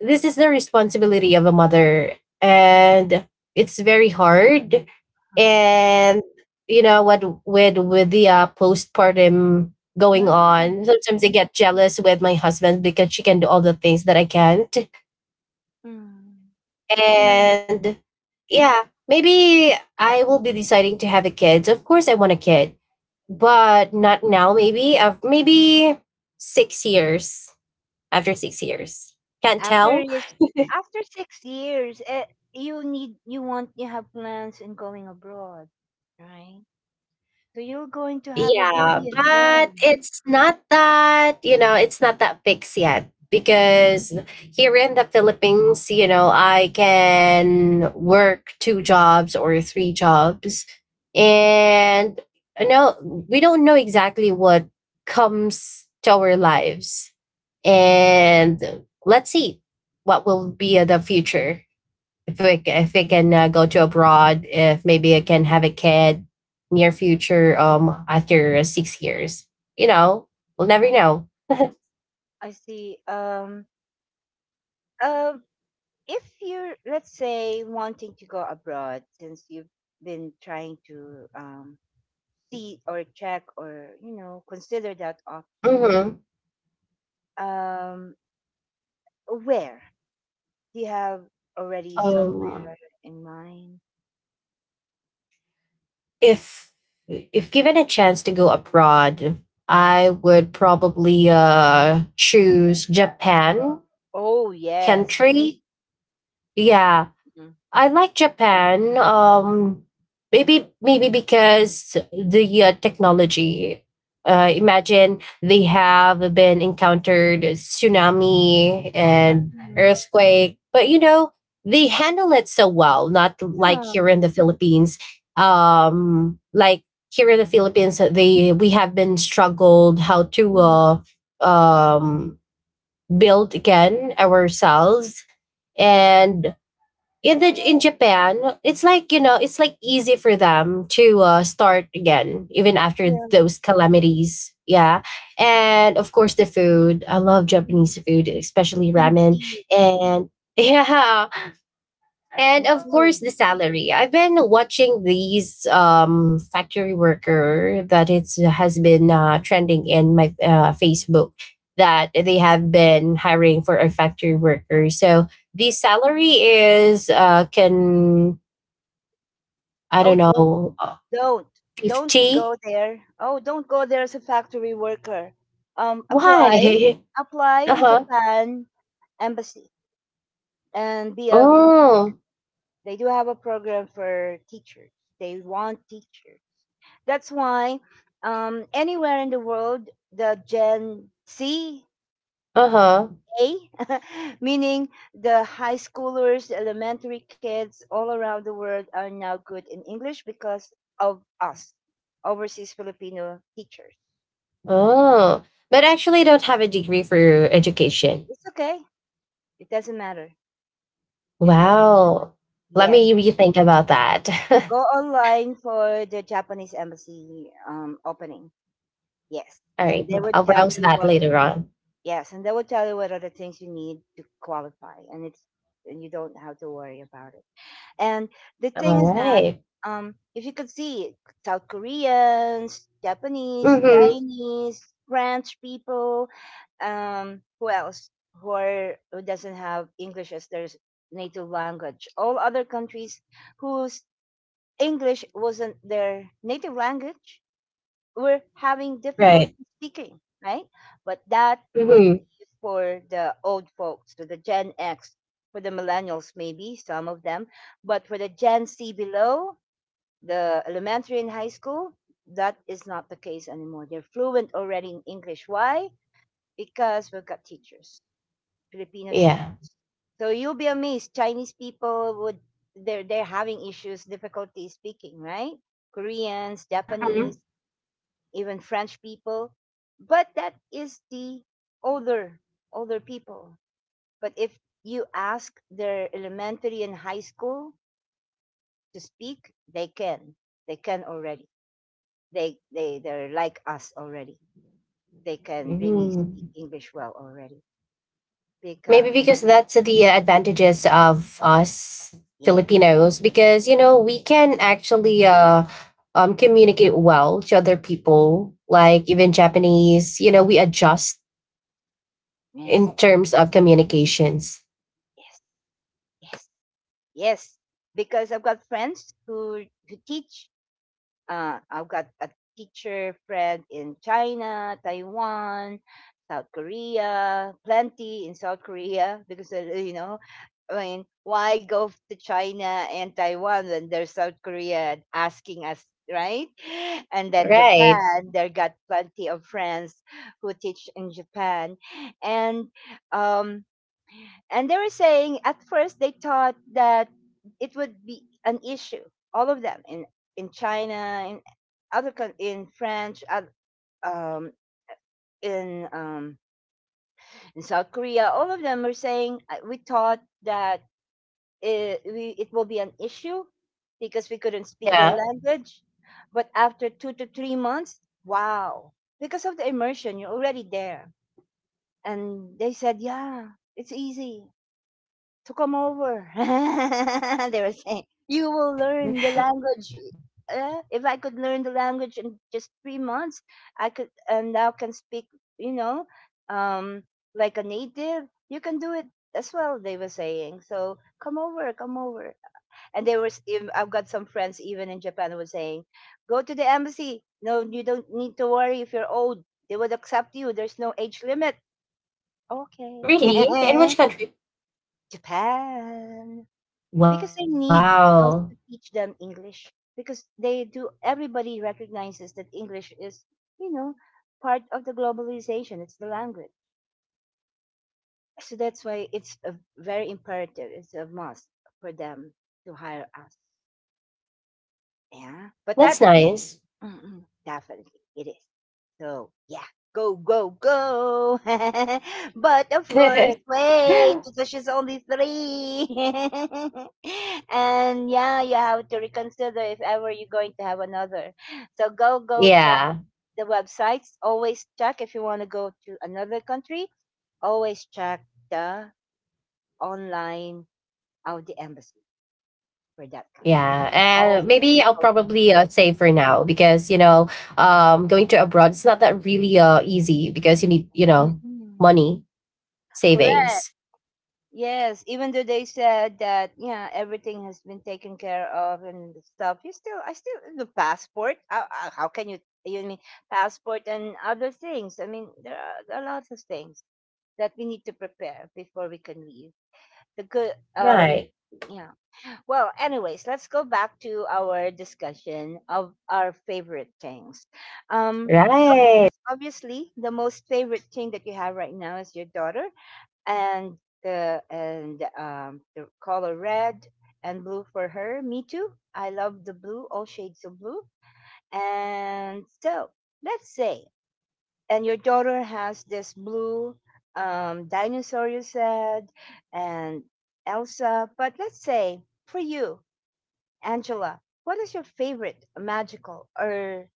Speaker 2: this is the responsibility of a mother, and it's very hard.
Speaker 1: Mhm.
Speaker 2: And you know what, with the postpartum going
Speaker 1: Yeah.
Speaker 2: on, sometimes I get jealous with my husband because she can do all the things that I can't.
Speaker 1: Mm. You
Speaker 2: And yeah, maybe I will be deciding to have a kid. Of course, I want a kid, but not now. Maybe 6 years, after 6 years. Can't
Speaker 1: after
Speaker 2: tell.
Speaker 1: you, after 6 years, eh, you need you want you have plans in going abroad, right? So you're going to have a
Speaker 2: Yeah,
Speaker 1: baby
Speaker 2: but
Speaker 1: again.
Speaker 2: it's not that, you know, it's not that fixed yet because here in the Philippines, you know, I can work two jobs or three jobs. And no, we don't know exactly what comes to our lives. And let's see what will be the future if we can go to abroad, if maybe I can have a kid near future, after 6 years, you know, we'll never
Speaker 1: Mm.
Speaker 2: know.
Speaker 1: I see. Uh. If you're, let's say, wanting to go abroad, since you've been trying to see or check or you know consider that option,
Speaker 2: Hmm.
Speaker 1: um where do you have already
Speaker 2: Um,
Speaker 1: somewhere in mind?
Speaker 2: if if given a chance to go abroad, I would probably choose Japan
Speaker 1: Oh yes.
Speaker 2: country. Yeah,
Speaker 1: Mhm.
Speaker 2: I like Japan. Maybe because the technology. Imagine they have been encountered tsunami and
Speaker 1: Mm,
Speaker 2: earthquake, but you know, they handle it so well. Not like
Speaker 1: yeah,
Speaker 2: here in the Philippines. Like here in the Philippines, they we have been struggled how to
Speaker 1: yeah.
Speaker 2: um, build again ourselves, and
Speaker 1: It's
Speaker 2: in Japan, it's like, you know, it's like easy for them to start again, even after
Speaker 1: yeah.
Speaker 2: those calamities. Yeah, and of course the food. I love
Speaker 1: Mhm.
Speaker 2: Japanese food, especially ramen.
Speaker 1: Indeed.
Speaker 2: And (laughs) yeah, and
Speaker 1: Me
Speaker 2: of
Speaker 1: too.
Speaker 2: course, the salary. I've been watching these factory worker that it's has been trending in my Facebook that they have been hiring for a factory worker. So the salary is can I
Speaker 1: Oh,
Speaker 2: don't know
Speaker 1: Don't don't go
Speaker 2: 50.
Speaker 1: there. Oh, don't go there as a factory worker.
Speaker 2: Why?
Speaker 1: Apply,
Speaker 2: (laughs)
Speaker 1: apply
Speaker 2: Uh
Speaker 1: in
Speaker 2: huh.
Speaker 1: Japan embassy and be a.
Speaker 2: Oh.
Speaker 1: They do have a program for teachers. They want teachers. That's why anywhere in the world, the Gen C
Speaker 2: Uh huh.
Speaker 1: A, (laughs) meaning the high schoolers, the elementary kids all around the world are now good in English because of us, overseas Filipino teachers.
Speaker 2: Oh. But actually, I don't have a degree for education.
Speaker 1: It's okay. It doesn't matter. It doesn't (laughs) matter.
Speaker 2: Wow. Let
Speaker 1: Yes.
Speaker 2: me rethink about that. (laughs)
Speaker 1: Go online for the Japanese embassy opening. Yes.
Speaker 2: All
Speaker 1: And
Speaker 2: right.
Speaker 1: they will
Speaker 2: I'll
Speaker 1: tell
Speaker 2: browse
Speaker 1: you
Speaker 2: that
Speaker 1: what.
Speaker 2: later on.
Speaker 1: Yes, and they will tell you what are the things you need to qualify, and it's, and you don't have to worry about it. And the
Speaker 2: All
Speaker 1: thing is that
Speaker 2: right.
Speaker 1: if you could see South Koreans, Japanese,
Speaker 2: Mm-hmm.
Speaker 1: Chinese, French people, who else, who are who doesn't have English as their native language? All other countries whose English wasn't their native language, we're having
Speaker 2: Right.
Speaker 1: difficulty speaking, right? But that
Speaker 2: Mm-hmm.
Speaker 1: would be for the old folks, for the Gen X, for the millennials, maybe some of them. But for the Gen C below, the elementary and high school, that is not the case anymore. They're fluent already in English. Why? Because we've got teachers, Filipino
Speaker 2: Yeah.
Speaker 1: teachers. So you'll be amazed. Chinese people would, they're having issues, difficulty speaking, right? Koreans,
Speaker 2: Mm-hmm.
Speaker 1: Japanese, even French people. But that is the older older people. But if you ask their elementary and high school to speak, they can. They can already. They're like us already. They can really
Speaker 2: Mm-hmm.
Speaker 1: speak English well already.
Speaker 2: Maybe
Speaker 1: Because
Speaker 2: because that's the advantages of us
Speaker 1: yes,
Speaker 2: Filipinos, because, you know, we can actually communicate well to other people, like even Japanese, you know, we
Speaker 1: mm,
Speaker 2: adjust
Speaker 1: yes,
Speaker 2: in terms of communications.
Speaker 1: yes, yes, yes. Because I've got friends who teach, I've got a teacher friend in China, Taiwan, South Korea, plenty in South Korea, (laughs) because you know, I mean, why go to China and Taiwan when there's South Korea asking us, right? And then
Speaker 2: Right.
Speaker 1: Japan, there got plenty of friends who teach in Japan, and um, and they were saying at first they thought that it would be an issue. All of them in China, in other in France, um, in um, in South Korea, all of them were saying, we thought that it will be an issue because we couldn't speak their
Speaker 2: Yeah.
Speaker 1: language. But after 2 to 3 months, wow! Because of the immersion, you're already there." And they said, yeah, it's easy to come over. (laughs) They were saying, "You will
Speaker 2: (laughs)
Speaker 1: learn the language." If I could learn the language in just 3 months, I could and now can speak, you know, um, like a native. You can do it as well, they were saying. So come over, come over. And they were, I've got some friends even in Japan who were saying, go to the embassy. No, you don't need to worry if you're old. They would accept you. There's no age limit. Okay.
Speaker 2: Really? In
Speaker 1: (laughs)
Speaker 2: which country?
Speaker 1: Japan, because they need us
Speaker 2: Wow.
Speaker 1: to teach them English, because they do, everybody recognizes that English is, you know part of the globalization, it's the language, so that's why it's a very imperative, it's a must for them to hire us. Yeah, but
Speaker 2: That's
Speaker 1: that
Speaker 2: nice.
Speaker 1: (clears throat) definitely it is. So yeah, go, go, go. (laughs) But of course,
Speaker 2: (laughs)
Speaker 1: wait, because she's only three. (laughs) And yeah, you have to reconsider if ever you're going to have another. So go, go, check
Speaker 2: Yeah,
Speaker 1: the websites. Always check if you want to go to another country. Always check the online of the embassy for that country.
Speaker 2: yeah, and
Speaker 1: Always
Speaker 2: maybe I'll
Speaker 1: go.
Speaker 2: probably save for now, because, you know, going to abroad, it's not that really easy because you need, you know,
Speaker 1: Mm-mm.
Speaker 2: money,
Speaker 1: Correct.
Speaker 2: savings.
Speaker 1: Yes, even though they said that yeah, everything has been taken care of and stuff, you still I still the passport. How can you, you mean passport and other things? I mean there are lots of things that we need to prepare before we can leave. The good,
Speaker 2: Right.
Speaker 1: yeah. Well, anyways, let's go back to our discussion of our favorite things. Um, so
Speaker 2: Right.
Speaker 1: first, obviously, the most favorite thing that you have right now is your daughter, and the color red and blue for her. Me too. I love the blue, all shades of blue. And so let's say, and your daughter has this blue, dinosaur you said, and Elsa. But let's say for you, Angela, what is your favorite magical or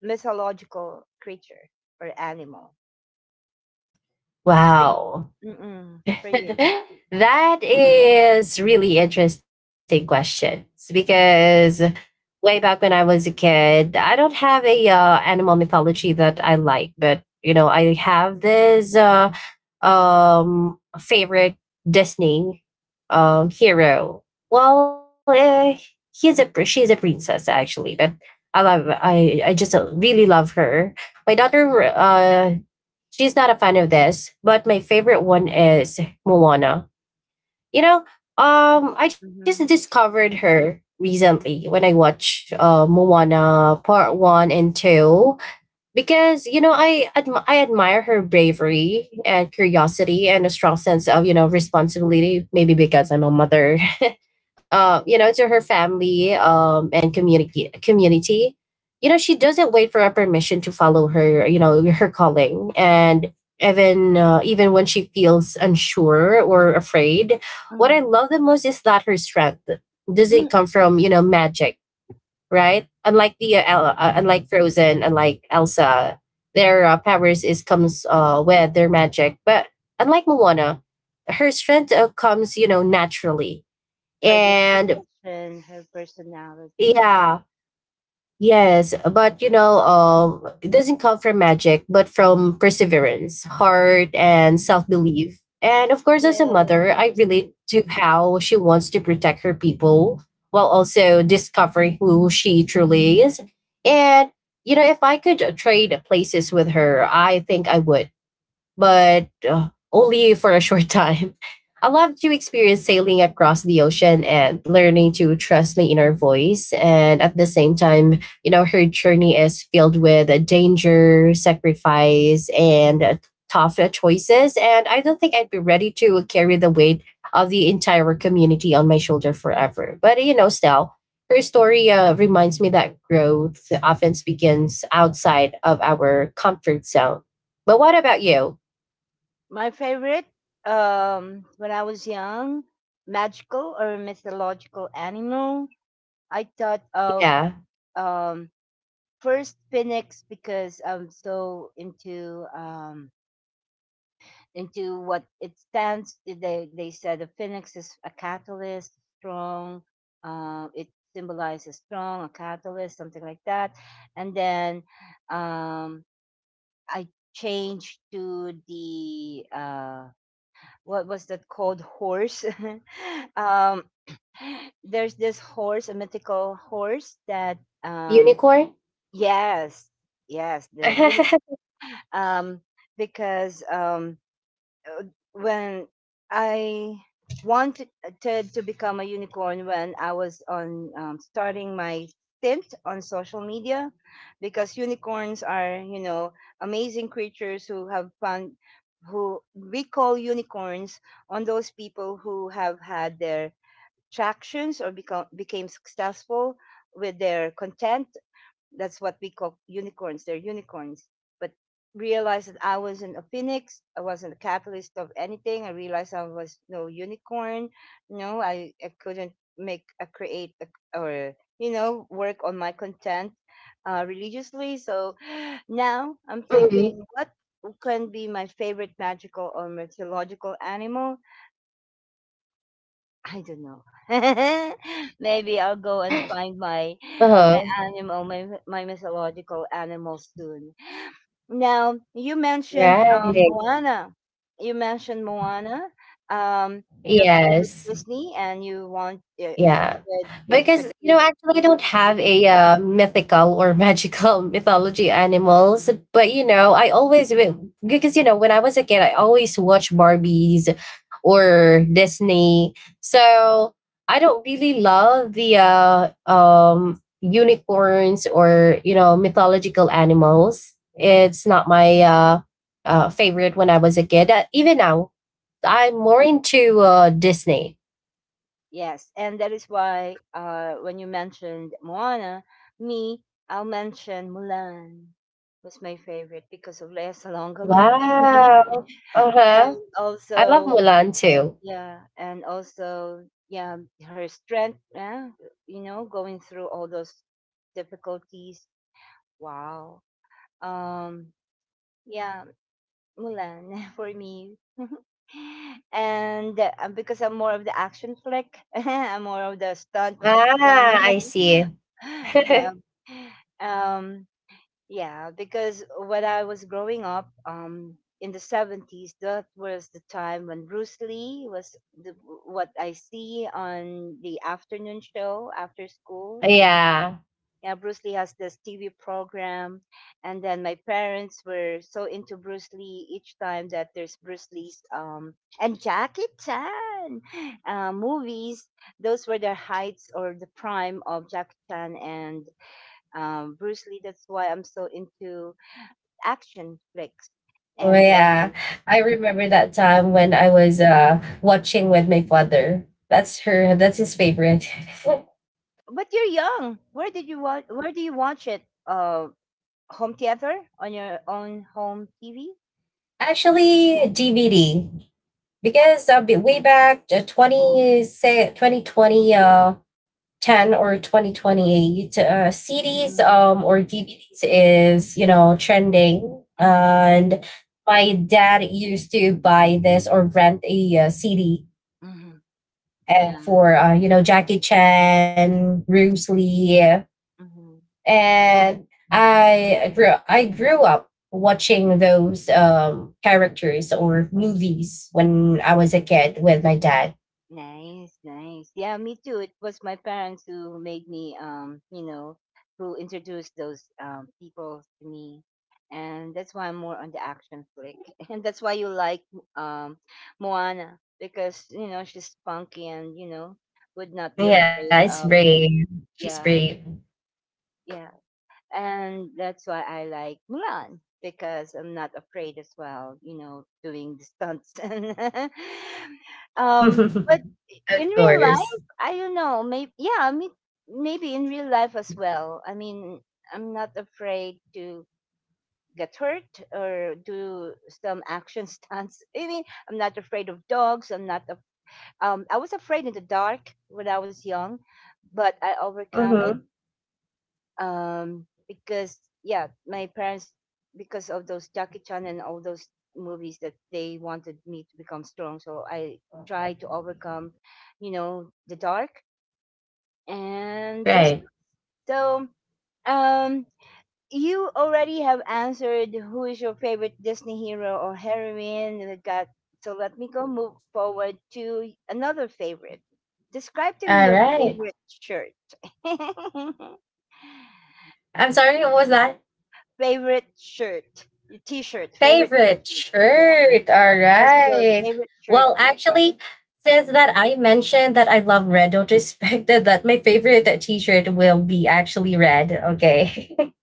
Speaker 1: mythological creature or animal for you?
Speaker 2: Wow.
Speaker 1: Mm-mm, for you.
Speaker 2: (laughs) That is really interesting questions because way back when I was a kid, I don't have a animal mythology that I like, but, you know, I have this favorite Disney hero. Well, she's a princess actually, but I just really love her. My daughter she's not a fan of this, but my favorite one is Moana. You know, I
Speaker 1: Mm-hmm.
Speaker 2: just discovered her recently when I watched Moana Part One and Two, because, you know, I admire her bravery and curiosity and a strong sense of, you know, responsibility. Maybe because I'm a mother, (laughs) you know, to her family, and community, you know, she doesn't wait for a permission to follow her, you know, her calling. And even when she feels unsure or afraid, what I love the most is that her strength doesn't
Speaker 1: Mm.
Speaker 2: come from, you know, magic, right?
Speaker 1: Mhm.
Speaker 2: Unlike Frozen, unlike Elsa, their powers is comes with their magic. But unlike Moana, her strength comes, you know, naturally.
Speaker 1: Her
Speaker 2: And
Speaker 1: disposition, her personality.
Speaker 2: yeah, yes, but, you know, it doesn't come from magic, but from perseverance,
Speaker 1: Mhm.
Speaker 2: heart, and self belief. And of course, as a
Speaker 1: Yes.
Speaker 2: mother, I relate to how she wants to protect her people while also discovering who she truly is. And, you know, if I could trade places with her, I think I would, but only for a short time. (laughs) I love to experience sailing across the ocean and learning to trust my inner voice. And at the same time, you know, her journey is filled with danger, sacrifice, and tough choices. And I don't think I'd be ready to carry the weight of the entire community on my shoulder forever. But, you know, still, her story reminds me that growth often begins outside of our comfort zone. But what about you?
Speaker 1: My favorite, when I was young, magical or mythological animal. I thought of,
Speaker 2: Yeah.
Speaker 1: um, first phoenix, because I'm so into, into what it stands. They said the phoenix is a catalyst, strong. It symbolizes strong, a catalyst, something like that. And then, um, I changed to the what was that called, horse. (laughs) um there's this horse, a mythical horse that, um
Speaker 2: Unicorn?
Speaker 1: yes, yes, they're unique.
Speaker 2: (laughs)
Speaker 1: um because uh, when I wanted to become a unicorn when I was on, starting my stint on social media, because unicorns are, you know, amazing creatures who have found, who we call unicorns, on those people who have had their tractions or become became successful with their content. That's what we call unicorns. They're unicorns. But realized that I wasn't a phoenix. I wasn't a capitalist of anything. I realized I was no unicorn. No, I couldn't make a create a, or you know, work on my content religiously. So (gasps) now I'm thinking,
Speaker 2: Mhm.
Speaker 1: what can be my favorite magical or mythological animal? I don't know. (laughs) Maybe I'll go and find my,
Speaker 2: Uh-huh.
Speaker 1: my mythological animal soon. Now you mentioned,
Speaker 2: Right.
Speaker 1: Moana. You mentioned Moana, um, your favorite
Speaker 2: Yes.
Speaker 1: Disney, and you want
Speaker 2: Yeah.
Speaker 1: could- if you
Speaker 2: Because,
Speaker 1: could
Speaker 2: you know,
Speaker 1: read
Speaker 2: actually, I don't
Speaker 1: pieces.
Speaker 2: have a mythical or magical (laughs) mythology animals. But, you know, because, you know, when I was a kid, I always watched Barbies or Disney. So I don't really love the unicorns or, you know, mythological animals. It's not my favorite when I was a kid. Even now, I'm more into Disney.
Speaker 1: Yes, and that is why when you mentioned Moana, me, I'll mention Mulan was my favorite, because of Lea Salonga, maybe. (laughs)
Speaker 2: Wow.
Speaker 1: And
Speaker 2: Uh-huh. I love
Speaker 1: also,
Speaker 2: Mulan too.
Speaker 1: yeah, and also, yeah, her strength, yeah, you know, going through all those difficulties. Wow. um yeah, Mulan (laughs) for me. And because I'm more of the action flick, (laughs) I'm more of the stunt thing.
Speaker 2: Ah, I see.
Speaker 1: (laughs) Yeah.
Speaker 2: (laughs)
Speaker 1: um yeah, because when I was growing up, in the 70s, that was the time when Bruce Lee was the, what I see on the afternoon show after school.
Speaker 2: Yeah.
Speaker 1: Yeah, Bruce Lee has this TV program, and then my parents were so into Bruce Lee, each time that there's Bruce Lee's, and Jackie Chan, (gasps) movies. Those were the heights or the prime of Jackie Chan and, Bruce Lee. That's why I'm so into action flicks.
Speaker 2: Oh,
Speaker 1: And
Speaker 2: yeah.
Speaker 1: then,
Speaker 2: I remember that time when I was watching with my father. That's his favorite. (laughs)
Speaker 1: but you're young. Where did you watch? Where do you watch it? Home theater on your own home TV.
Speaker 2: Actually, DVD, because way back 20, say 2020, 10, or 2028, CDs
Speaker 1: Mm-hmm.
Speaker 2: or DVDs is, you know, trending.
Speaker 1: Mm-hmm.
Speaker 2: And my dad used to buy this or rent a CD
Speaker 1: Mm-hmm. Yeah.
Speaker 2: for you know, Jackie Chan, Bruce Lee.
Speaker 1: Mm-hmm.
Speaker 2: And I grew up watching those characters or movies when I was a kid with my dad.
Speaker 1: Nice, nice. Yeah, me too. It was my parents who made me, you know, who introduced those, people to me, and that's why I'm more on the action flick, (laughs) and that's why you like, um, Moana, because you know she's spunky and you know would not be afraid
Speaker 2: Yeah, it's
Speaker 1: of.
Speaker 2: brave. She's
Speaker 1: Yeah,
Speaker 2: brave. (laughs)
Speaker 1: yeah, and that's why I like Mulan, because I'm not afraid as well, you know, doing the stunts. (laughs) And, but
Speaker 2: Mhm.
Speaker 1: in
Speaker 2: Of
Speaker 1: real life,
Speaker 2: course.
Speaker 1: I don't know. Maybe, yeah, I mean, maybe in real life as well. I mean, I'm not afraid to get hurt or do some action (laughs) stunts. I mean, I'm not afraid of dogs. I'm not. I was afraid in the dark when I was young, but I overcome
Speaker 2: Mhm.
Speaker 1: it, because yeah, my parents, because of those Jackie Chan and all those movies, that they wanted me to become strong, so I tried to overcome, you know, the dark and those.
Speaker 2: Right.
Speaker 1: So, um you already have answered who is your favorite Disney hero or heroine that got. So let me go move forward to another favorite. Describe to me
Speaker 2: All
Speaker 1: your
Speaker 2: right.
Speaker 1: favorite shirt. (laughs)
Speaker 2: I'm sorry, what was that?
Speaker 1: Favorite shirt, your T-shirt, favorite
Speaker 2: Favorite
Speaker 1: T-shirt. Yeah,
Speaker 2: shirt. All
Speaker 1: what was your
Speaker 2: right.
Speaker 1: favorite shirt
Speaker 2: Well,
Speaker 1: look like?
Speaker 2: actually, since that I mentioned that I love red, don't (laughs) expect that my favorite t-shirt will be actually red. Okay. (laughs)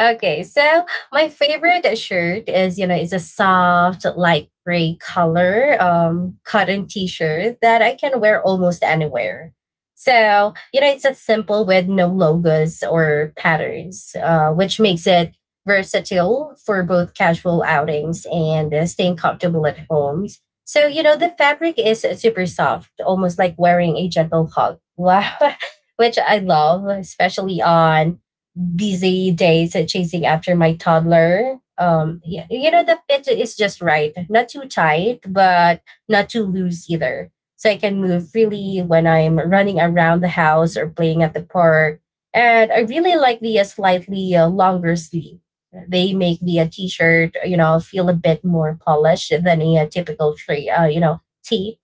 Speaker 2: Okay, so my favorite shirt is, you know, is a soft, light gray color, cotton t-shirt that I can wear almost anywhere. So, you know, it's a simple with no logos or patterns, which makes it versatile for both casual outings and staying comfortable at home. So, you know, the fabric is super soft, almost like wearing a gentle hug. (laughs) Wow, which I love, especially on busy days chasing after my toddler. Yeah, you know, the fit is just right, not too tight, but not too loose either. So I can move freely when I'm running around the house or playing at the park. And I really like the slightly longer sleeve. They make the t-shirt, you know, feel a bit more polished than a, typical you know, tee.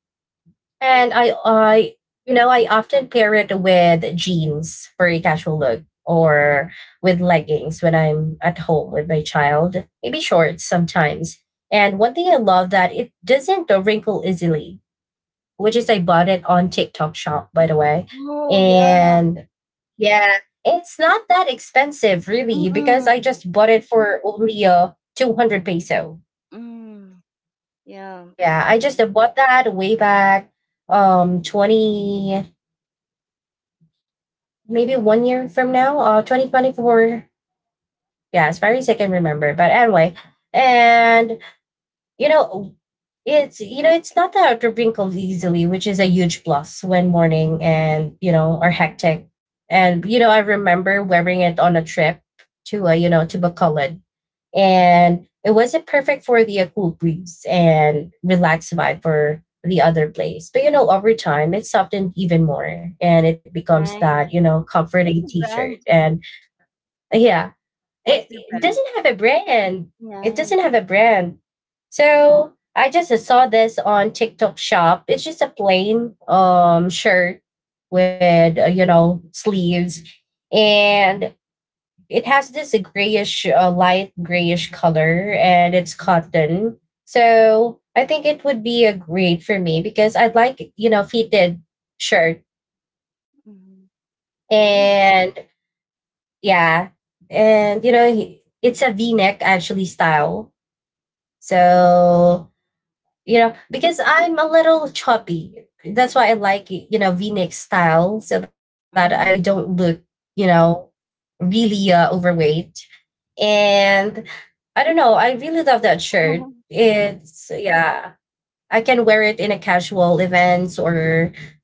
Speaker 2: And
Speaker 1: Eh,
Speaker 2: you know, I often pair it with jeans for a casual look or with leggings when I'm at home with my child, maybe shorts sometimes. And one thing I love that it doesn't wrinkle easily, which is I bought it on TikTok shop, by the way.
Speaker 1: Oh yeah,
Speaker 2: And yeah, it's not that expensive really because I
Speaker 1: mm-mm.
Speaker 2: just bought it for only 200 peso.
Speaker 1: Mm, yeah,
Speaker 2: Yeah, I just bought that way back 20, maybe one year from now, 2024. Yeah, as far as I can remember. But anyway, and, you know, it's, you know, it's not that wrinkled easily, which is a huge plus when morning and, you know, are hectic. And, you know, I remember wearing it on a trip to you know, to Bacolod, and it wasn't perfect for the cool breeze and relaxed vibe for the other place. But, you know, over time, it's softened even more, and it becomes that, you
Speaker 1: nice.
Speaker 2: know, comforting
Speaker 1: What's the
Speaker 2: T-shirt.
Speaker 1: brand?
Speaker 2: And yeah.
Speaker 1: What's
Speaker 2: It,
Speaker 1: the
Speaker 2: it
Speaker 1: brand?
Speaker 2: doesn't have a brand. It doesn't
Speaker 1: Nice,
Speaker 2: have a brand. So I just saw this on TikTok shop. It's just a plain shirt with you know, sleeves, and it has this grayish, light grayish color, and it's cotton. So I think it would be a great for me because I'd like, you know, fitted shirt.
Speaker 1: mm, nice,
Speaker 2: And yeah. And, you know, it's a V neck actually style.
Speaker 1: nice.
Speaker 2: So, you know, because I'm a little choppy. That's why I like, you know, V neck style so that I don't
Speaker 1: Mm,
Speaker 2: look, you know, really overweight. And I don't know.
Speaker 1: thank
Speaker 2: I
Speaker 1: you for
Speaker 2: really
Speaker 1: the
Speaker 2: love that shirt.
Speaker 1: tip. (laughs)
Speaker 2: It's, yeah, I can wear it in a casual events or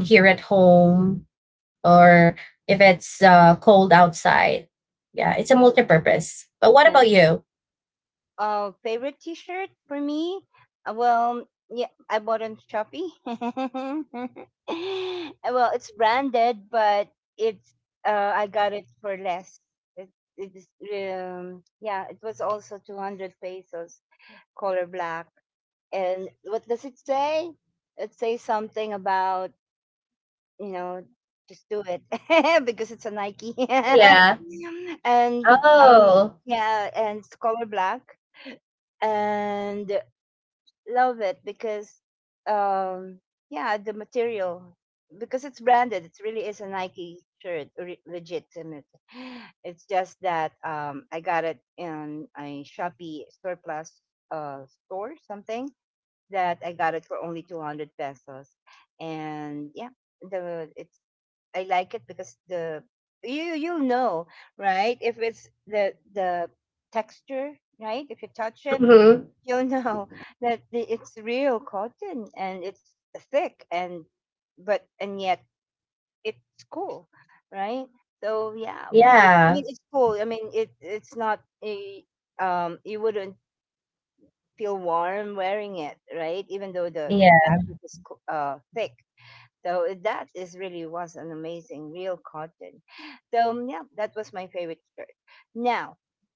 Speaker 2: even here at home or if it's cold outside. Yeah, it's a multi-purpose. But what about
Speaker 1: Nice.
Speaker 2: you?
Speaker 1: Favorite T-shirt for me? Well, yeah, I bought on Shopee. (laughs) Well, it's branded, but it's, I got it for less. It, it's yeah, it was also 200 pesos, color black. And what does it say? It says something about, you know, just do it, (laughs) because it's a Nike. (laughs) And,
Speaker 2: Yeah.
Speaker 1: um,
Speaker 2: Oh.
Speaker 1: yeah, and it's color black, and love it because, um yeah, the material, because it's branded, it really is a Nike shirt, legit. And it, (sighs) it's just that, I got it in a Shopee store plus, store something, that I got it for only 200 pesos. And yeah, the it's, I like it because the, you'll know, right, if it's the texture, right, if you touch it,
Speaker 2: Mm-hmm.
Speaker 1: you'll know, (laughs) that it's real cotton, and it's thick, and but and yet it's cool, right? So yeah, I mean, it's
Speaker 2: Yeah.
Speaker 1: cool, I mean, it's not a, you wouldn't feel warm wearing it, right, even though the fabric is
Speaker 2: Yeah.
Speaker 1: thick. So that is really was an amazing real cotton. So yeah, that was my favorite shirt. Now,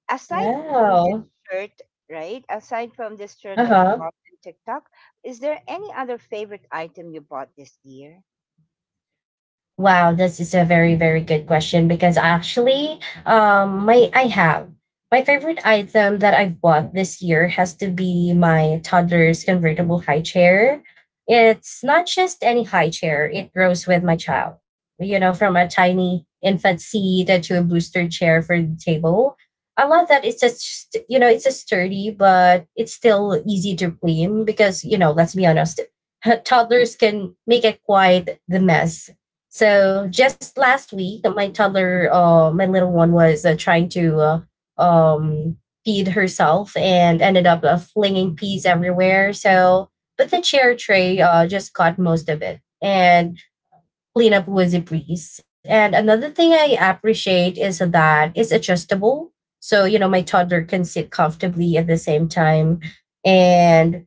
Speaker 1: aside from this
Speaker 2: Wow.
Speaker 1: shirt, right? Aside from this shirt that
Speaker 2: Uh
Speaker 1: you bought
Speaker 2: huh.
Speaker 1: in TikTok, is there any other favorite item you bought this year?
Speaker 2: Wow, this is a very, very good question because actually, um, my I have my favorite item that I've bought this year has to be my toddler's convertible high chair. It's not just any high chair; it grows with my child. You know, from a tiny infant seat to a booster chair for the table. I love that you know, it's a sturdy, but it's still easy to clean because, you know, let's be honest, (laughs) toddlers can make it quite the mess.
Speaker 1: Mm.
Speaker 2: So just last week, my toddler, my little one, was trying to uh, um, feed herself and ended up flinging peas everywhere. So, but the chair tray just caught most of it, and cleanup was a breeze. And another thing I appreciate is that it's adjustable. So, you know, my toddler can sit comfortably at the same time, and,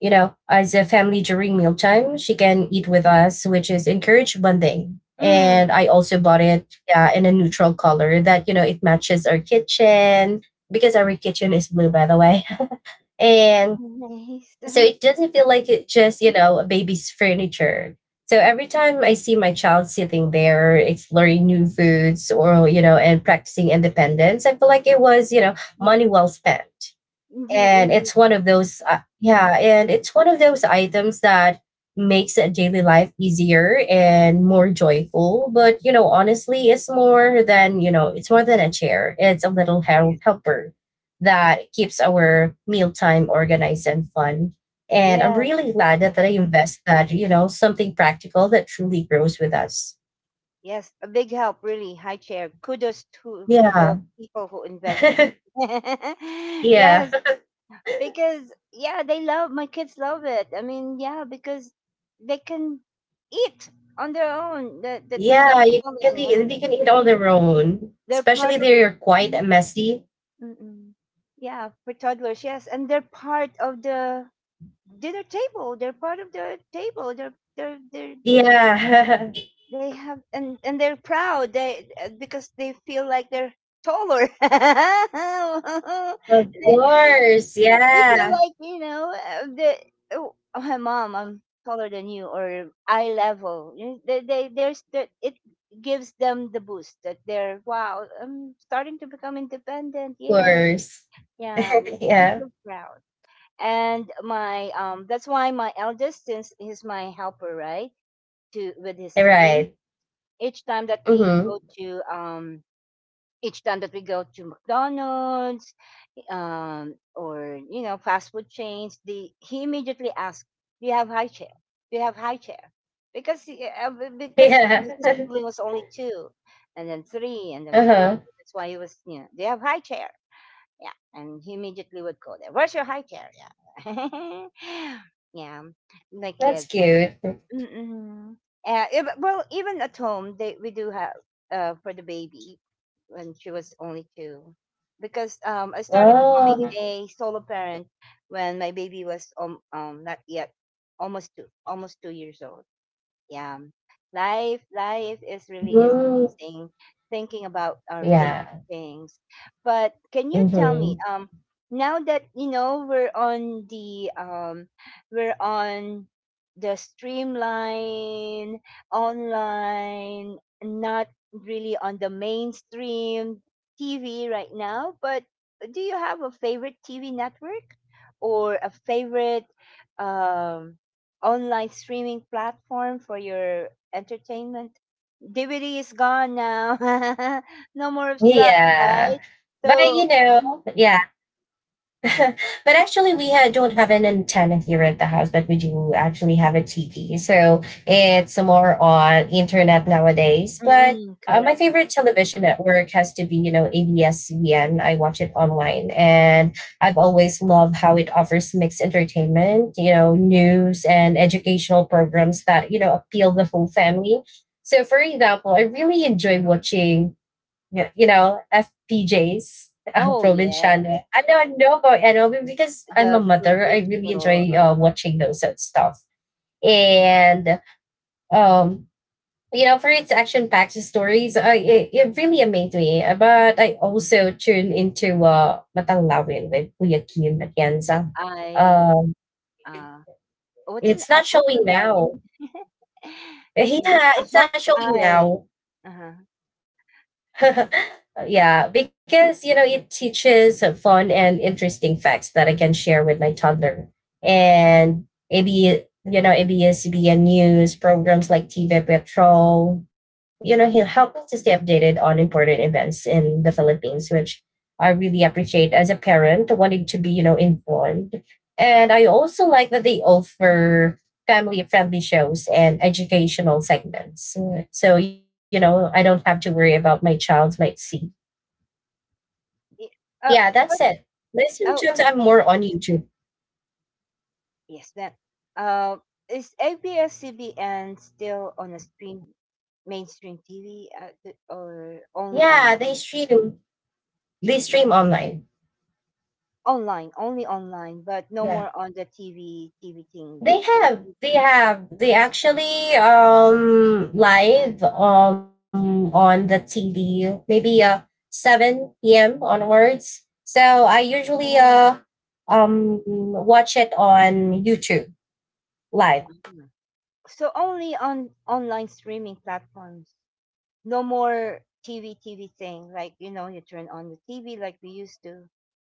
Speaker 2: you know, as a family during mealtime, she can eat with us, which is encourage bonding.
Speaker 1: Mm,
Speaker 2: And I also bought it, yeah, in a neutral color that, you know, it matches our kitchen because our kitchen is blue, by the way. (laughs) And
Speaker 1: Nice.
Speaker 2: so
Speaker 1: Uh-huh.
Speaker 2: it doesn't feel like it just, you know, a baby's furniture. So every time I see my child sitting there exploring new foods or, you know, and practicing independence, I feel like it was, you know, money
Speaker 1: Mm-mm.
Speaker 2: well spent.
Speaker 1: Indeed,
Speaker 2: And
Speaker 1: indeed.
Speaker 2: it's one of those items that makes a daily life easier and more joyful. But, you know, honestly, it's more than, you know, it's more than a chair. It's a little
Speaker 1: Yes.
Speaker 2: helper that keeps our mealtime organized and fun. And I'm
Speaker 1: Yes,
Speaker 2: really glad that I invest that, you know, something practical that truly grows with us.
Speaker 1: yes. A big help, really. High chair. Kudos to
Speaker 2: Yeah.
Speaker 1: the people who invented
Speaker 2: (laughs)
Speaker 1: it. (laughs)
Speaker 2: Yeah.
Speaker 1: Yes, because yeah, they love, my kids love it, I mean, yeah, because they can eat on their own, that,
Speaker 2: (laughs)
Speaker 1: that without
Speaker 2: Yeah, you can be
Speaker 1: calling, I
Speaker 2: they
Speaker 1: mean,
Speaker 2: can eat on their own,
Speaker 1: they're
Speaker 2: especially
Speaker 1: part of.
Speaker 2: they're quite
Speaker 1: Mhm,
Speaker 2: messy.
Speaker 1: mhm. Yeah, for toddlers, yes, and they're part of the dinner table, they're part of the table, they're
Speaker 2: Yeah,
Speaker 1: they have, and they're proud. They, because they feel like they're taller. (laughs) They,
Speaker 2: (laughs) of course.
Speaker 1: we
Speaker 2: Yeah,
Speaker 1: feel
Speaker 2: of
Speaker 1: like, you know, the, oh, my mom, I'm taller than you, or eye level. They, there's the, it gives them the boost, that they're, wow, I'm starting to become independent, yay.
Speaker 2: course.
Speaker 1: Yeah,
Speaker 2: (laughs)
Speaker 1: they
Speaker 2: Yeah,
Speaker 1: feel proud. And my, that's why my eldest, since he's my helper, right, to with his siblings,
Speaker 2: right.
Speaker 1: each time that
Speaker 2: Mm-hmm.
Speaker 1: we go to um each time that we go to McDonald's, or you know, fast food chains, the he immediately asks, do you have high chair? Do you have high chair? Because because his
Speaker 2: Yeah. (laughs)
Speaker 1: sibling was only two, and then three, and then
Speaker 2: Uh-huh.
Speaker 1: four, that's why he was, you know, do you have high chair. Yeah, and he immediately would go there, where's your high chair? Yeah (laughs) yeah, my
Speaker 2: That's
Speaker 1: kids.
Speaker 2: cute.
Speaker 1: Mm-mm. If, well, even at home, they we do have, for the baby, when she was only two, because, I started becoming
Speaker 2: Oh,
Speaker 1: a solo parent when my baby was, not yet, almost 2 years old. Yeah, life, life is really is
Speaker 2: mhm.
Speaker 1: amazing. Thinking about our favorite
Speaker 2: Yeah.
Speaker 1: things, but can you tell me,
Speaker 2: Mm-hmm.
Speaker 1: now that, you know, we're on the, we're on the streamline, online, not really on the mainstream TV right now, but do you have a favorite TV network or a favorite, um online streaming platform for your entertainment? DVD is gone now. (laughs) No more of such, right?
Speaker 2: Yeah. But,
Speaker 1: So,
Speaker 2: you know, yeah. (laughs) But actually, we don't have an antenna here at the house, but we do actually have a TV. So it's more on internet nowadays. But
Speaker 1: mm, correct.
Speaker 2: my favorite television network has to be, you know, ABS-CBN. I watch it online, and I've
Speaker 1: Mhm.
Speaker 2: always loved how it offers mixed entertainment, you know, news and educational programs that, you know, appeal the whole family. So, for example, I really enjoy watching, yeah, you know, FPJs, ang
Speaker 1: Oh yeah,
Speaker 2: probinsyano. Ano, no, ko, ano, because I'm
Speaker 1: the
Speaker 2: a mother, I really
Speaker 1: provincial.
Speaker 2: enjoy watching those sort of stuff.
Speaker 1: Yeah,
Speaker 2: And, um, you know, for its action-packed stories, it really amazed me. But I also tune into Matanglawin with Kuya Kim
Speaker 1: the
Speaker 2: Atienza.
Speaker 1: I.
Speaker 2: Um,
Speaker 1: Uh, what's an,
Speaker 2: it's not
Speaker 1: what's a
Speaker 2: showing
Speaker 1: Lawi?
Speaker 2: now. (laughs)
Speaker 1: (laughs) Yeah, a
Speaker 2: Yeah, it's
Speaker 1: hawk's
Speaker 2: not showing
Speaker 1: eye.
Speaker 2: now.
Speaker 1: Uh-huh.
Speaker 2: (laughs) Yeah, because, you know, it teaches fun and interesting facts that I can share with my toddler. And maybe, you know, ABS-CBN news programs like TV Patrol, you know, he'll help us to stay updated on important events in the Philippines, which I really appreciate as a parent wanting to be, you know, informed. And I also like that they offer family-friendly shows and educational segments, so, you know, I don't have to worry about my child might see.
Speaker 1: Yeah, Uh,
Speaker 2: Yeah,
Speaker 1: but
Speaker 2: that's it.
Speaker 1: oh,
Speaker 2: Listen tunes, I'm more on YouTube.
Speaker 1: yes, that. Uh, is ABS-CBN still on a stream, mainstream TV, or only
Speaker 2: Yeah, they
Speaker 1: online?
Speaker 2: stream they stream online.
Speaker 1: Online, only online, but no
Speaker 2: Yeah.
Speaker 1: more on the TV, TV thing like
Speaker 2: They
Speaker 1: that.
Speaker 2: have they have they actually live on the TV maybe 7 p.m. onwards. So I usually
Speaker 1: Mm.
Speaker 2: watch it on YouTube live.
Speaker 1: Mhm. So only on online streaming platforms. No more TV, TV thing. Like, you know, you turn on the TV like we used to,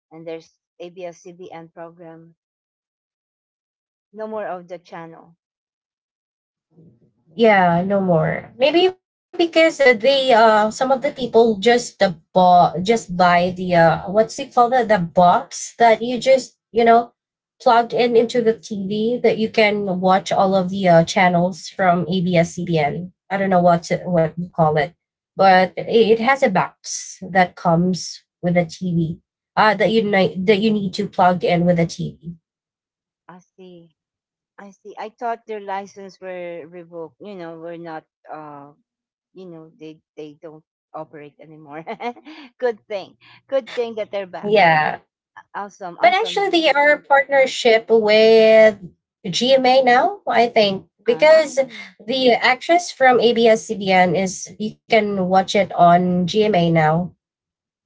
Speaker 1: and there's ABS-CBN program. No more of the channel.
Speaker 2: Yeah, no more. Maybe because they some of the people just bought just buy the what's it called, the box that you just, you know, plugged in into the TV, that you can watch all of the channels from ABS-CBN. I don't know what you call it, but it has a box that comes with a TV that you need to plug in with a TV.
Speaker 1: I see. I see. I thought their license were revoked. You know, were not. Uh, you know, they don't operate anymore. (laughs) Good thing. Good thing that they're back.
Speaker 2: Yeah.
Speaker 1: Awesome.
Speaker 2: But actually,
Speaker 1: Awesome.
Speaker 2: they are partnership with GMA now, I think,
Speaker 1: Ah,
Speaker 2: because the actress from ABS-CBN is you can watch it on GMA now.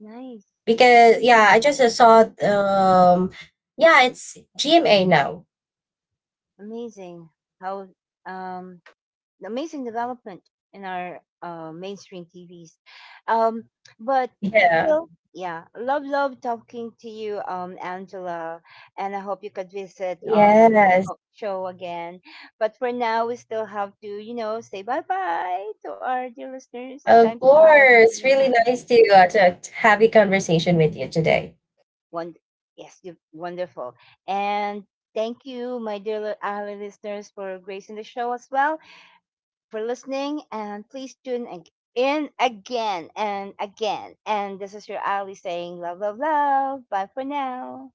Speaker 1: nice.
Speaker 2: Because,
Speaker 1: Nice,
Speaker 2: yeah, I just saw, yeah, it's GMA now.
Speaker 1: amazing. How? Um, amazing development in our, mainstream TVs. Um, but
Speaker 2: Yeah.
Speaker 1: still, yeah, love, love talking to you, Angela, and I hope you could visit our
Speaker 2: Yes.
Speaker 1: show again. But for now, we still have to, you know, say bye bye to our dear listeners.
Speaker 2: Of
Speaker 1: Thanks, bye
Speaker 2: course.
Speaker 1: bye.
Speaker 2: Really nice to have a conversation with you today.
Speaker 1: One, yes, you wonderful, and thank you, my dear our listeners, for gracing the show as well. For listening, and please tune in again and again. And this is your Ali saying love, love, love. Bye for now.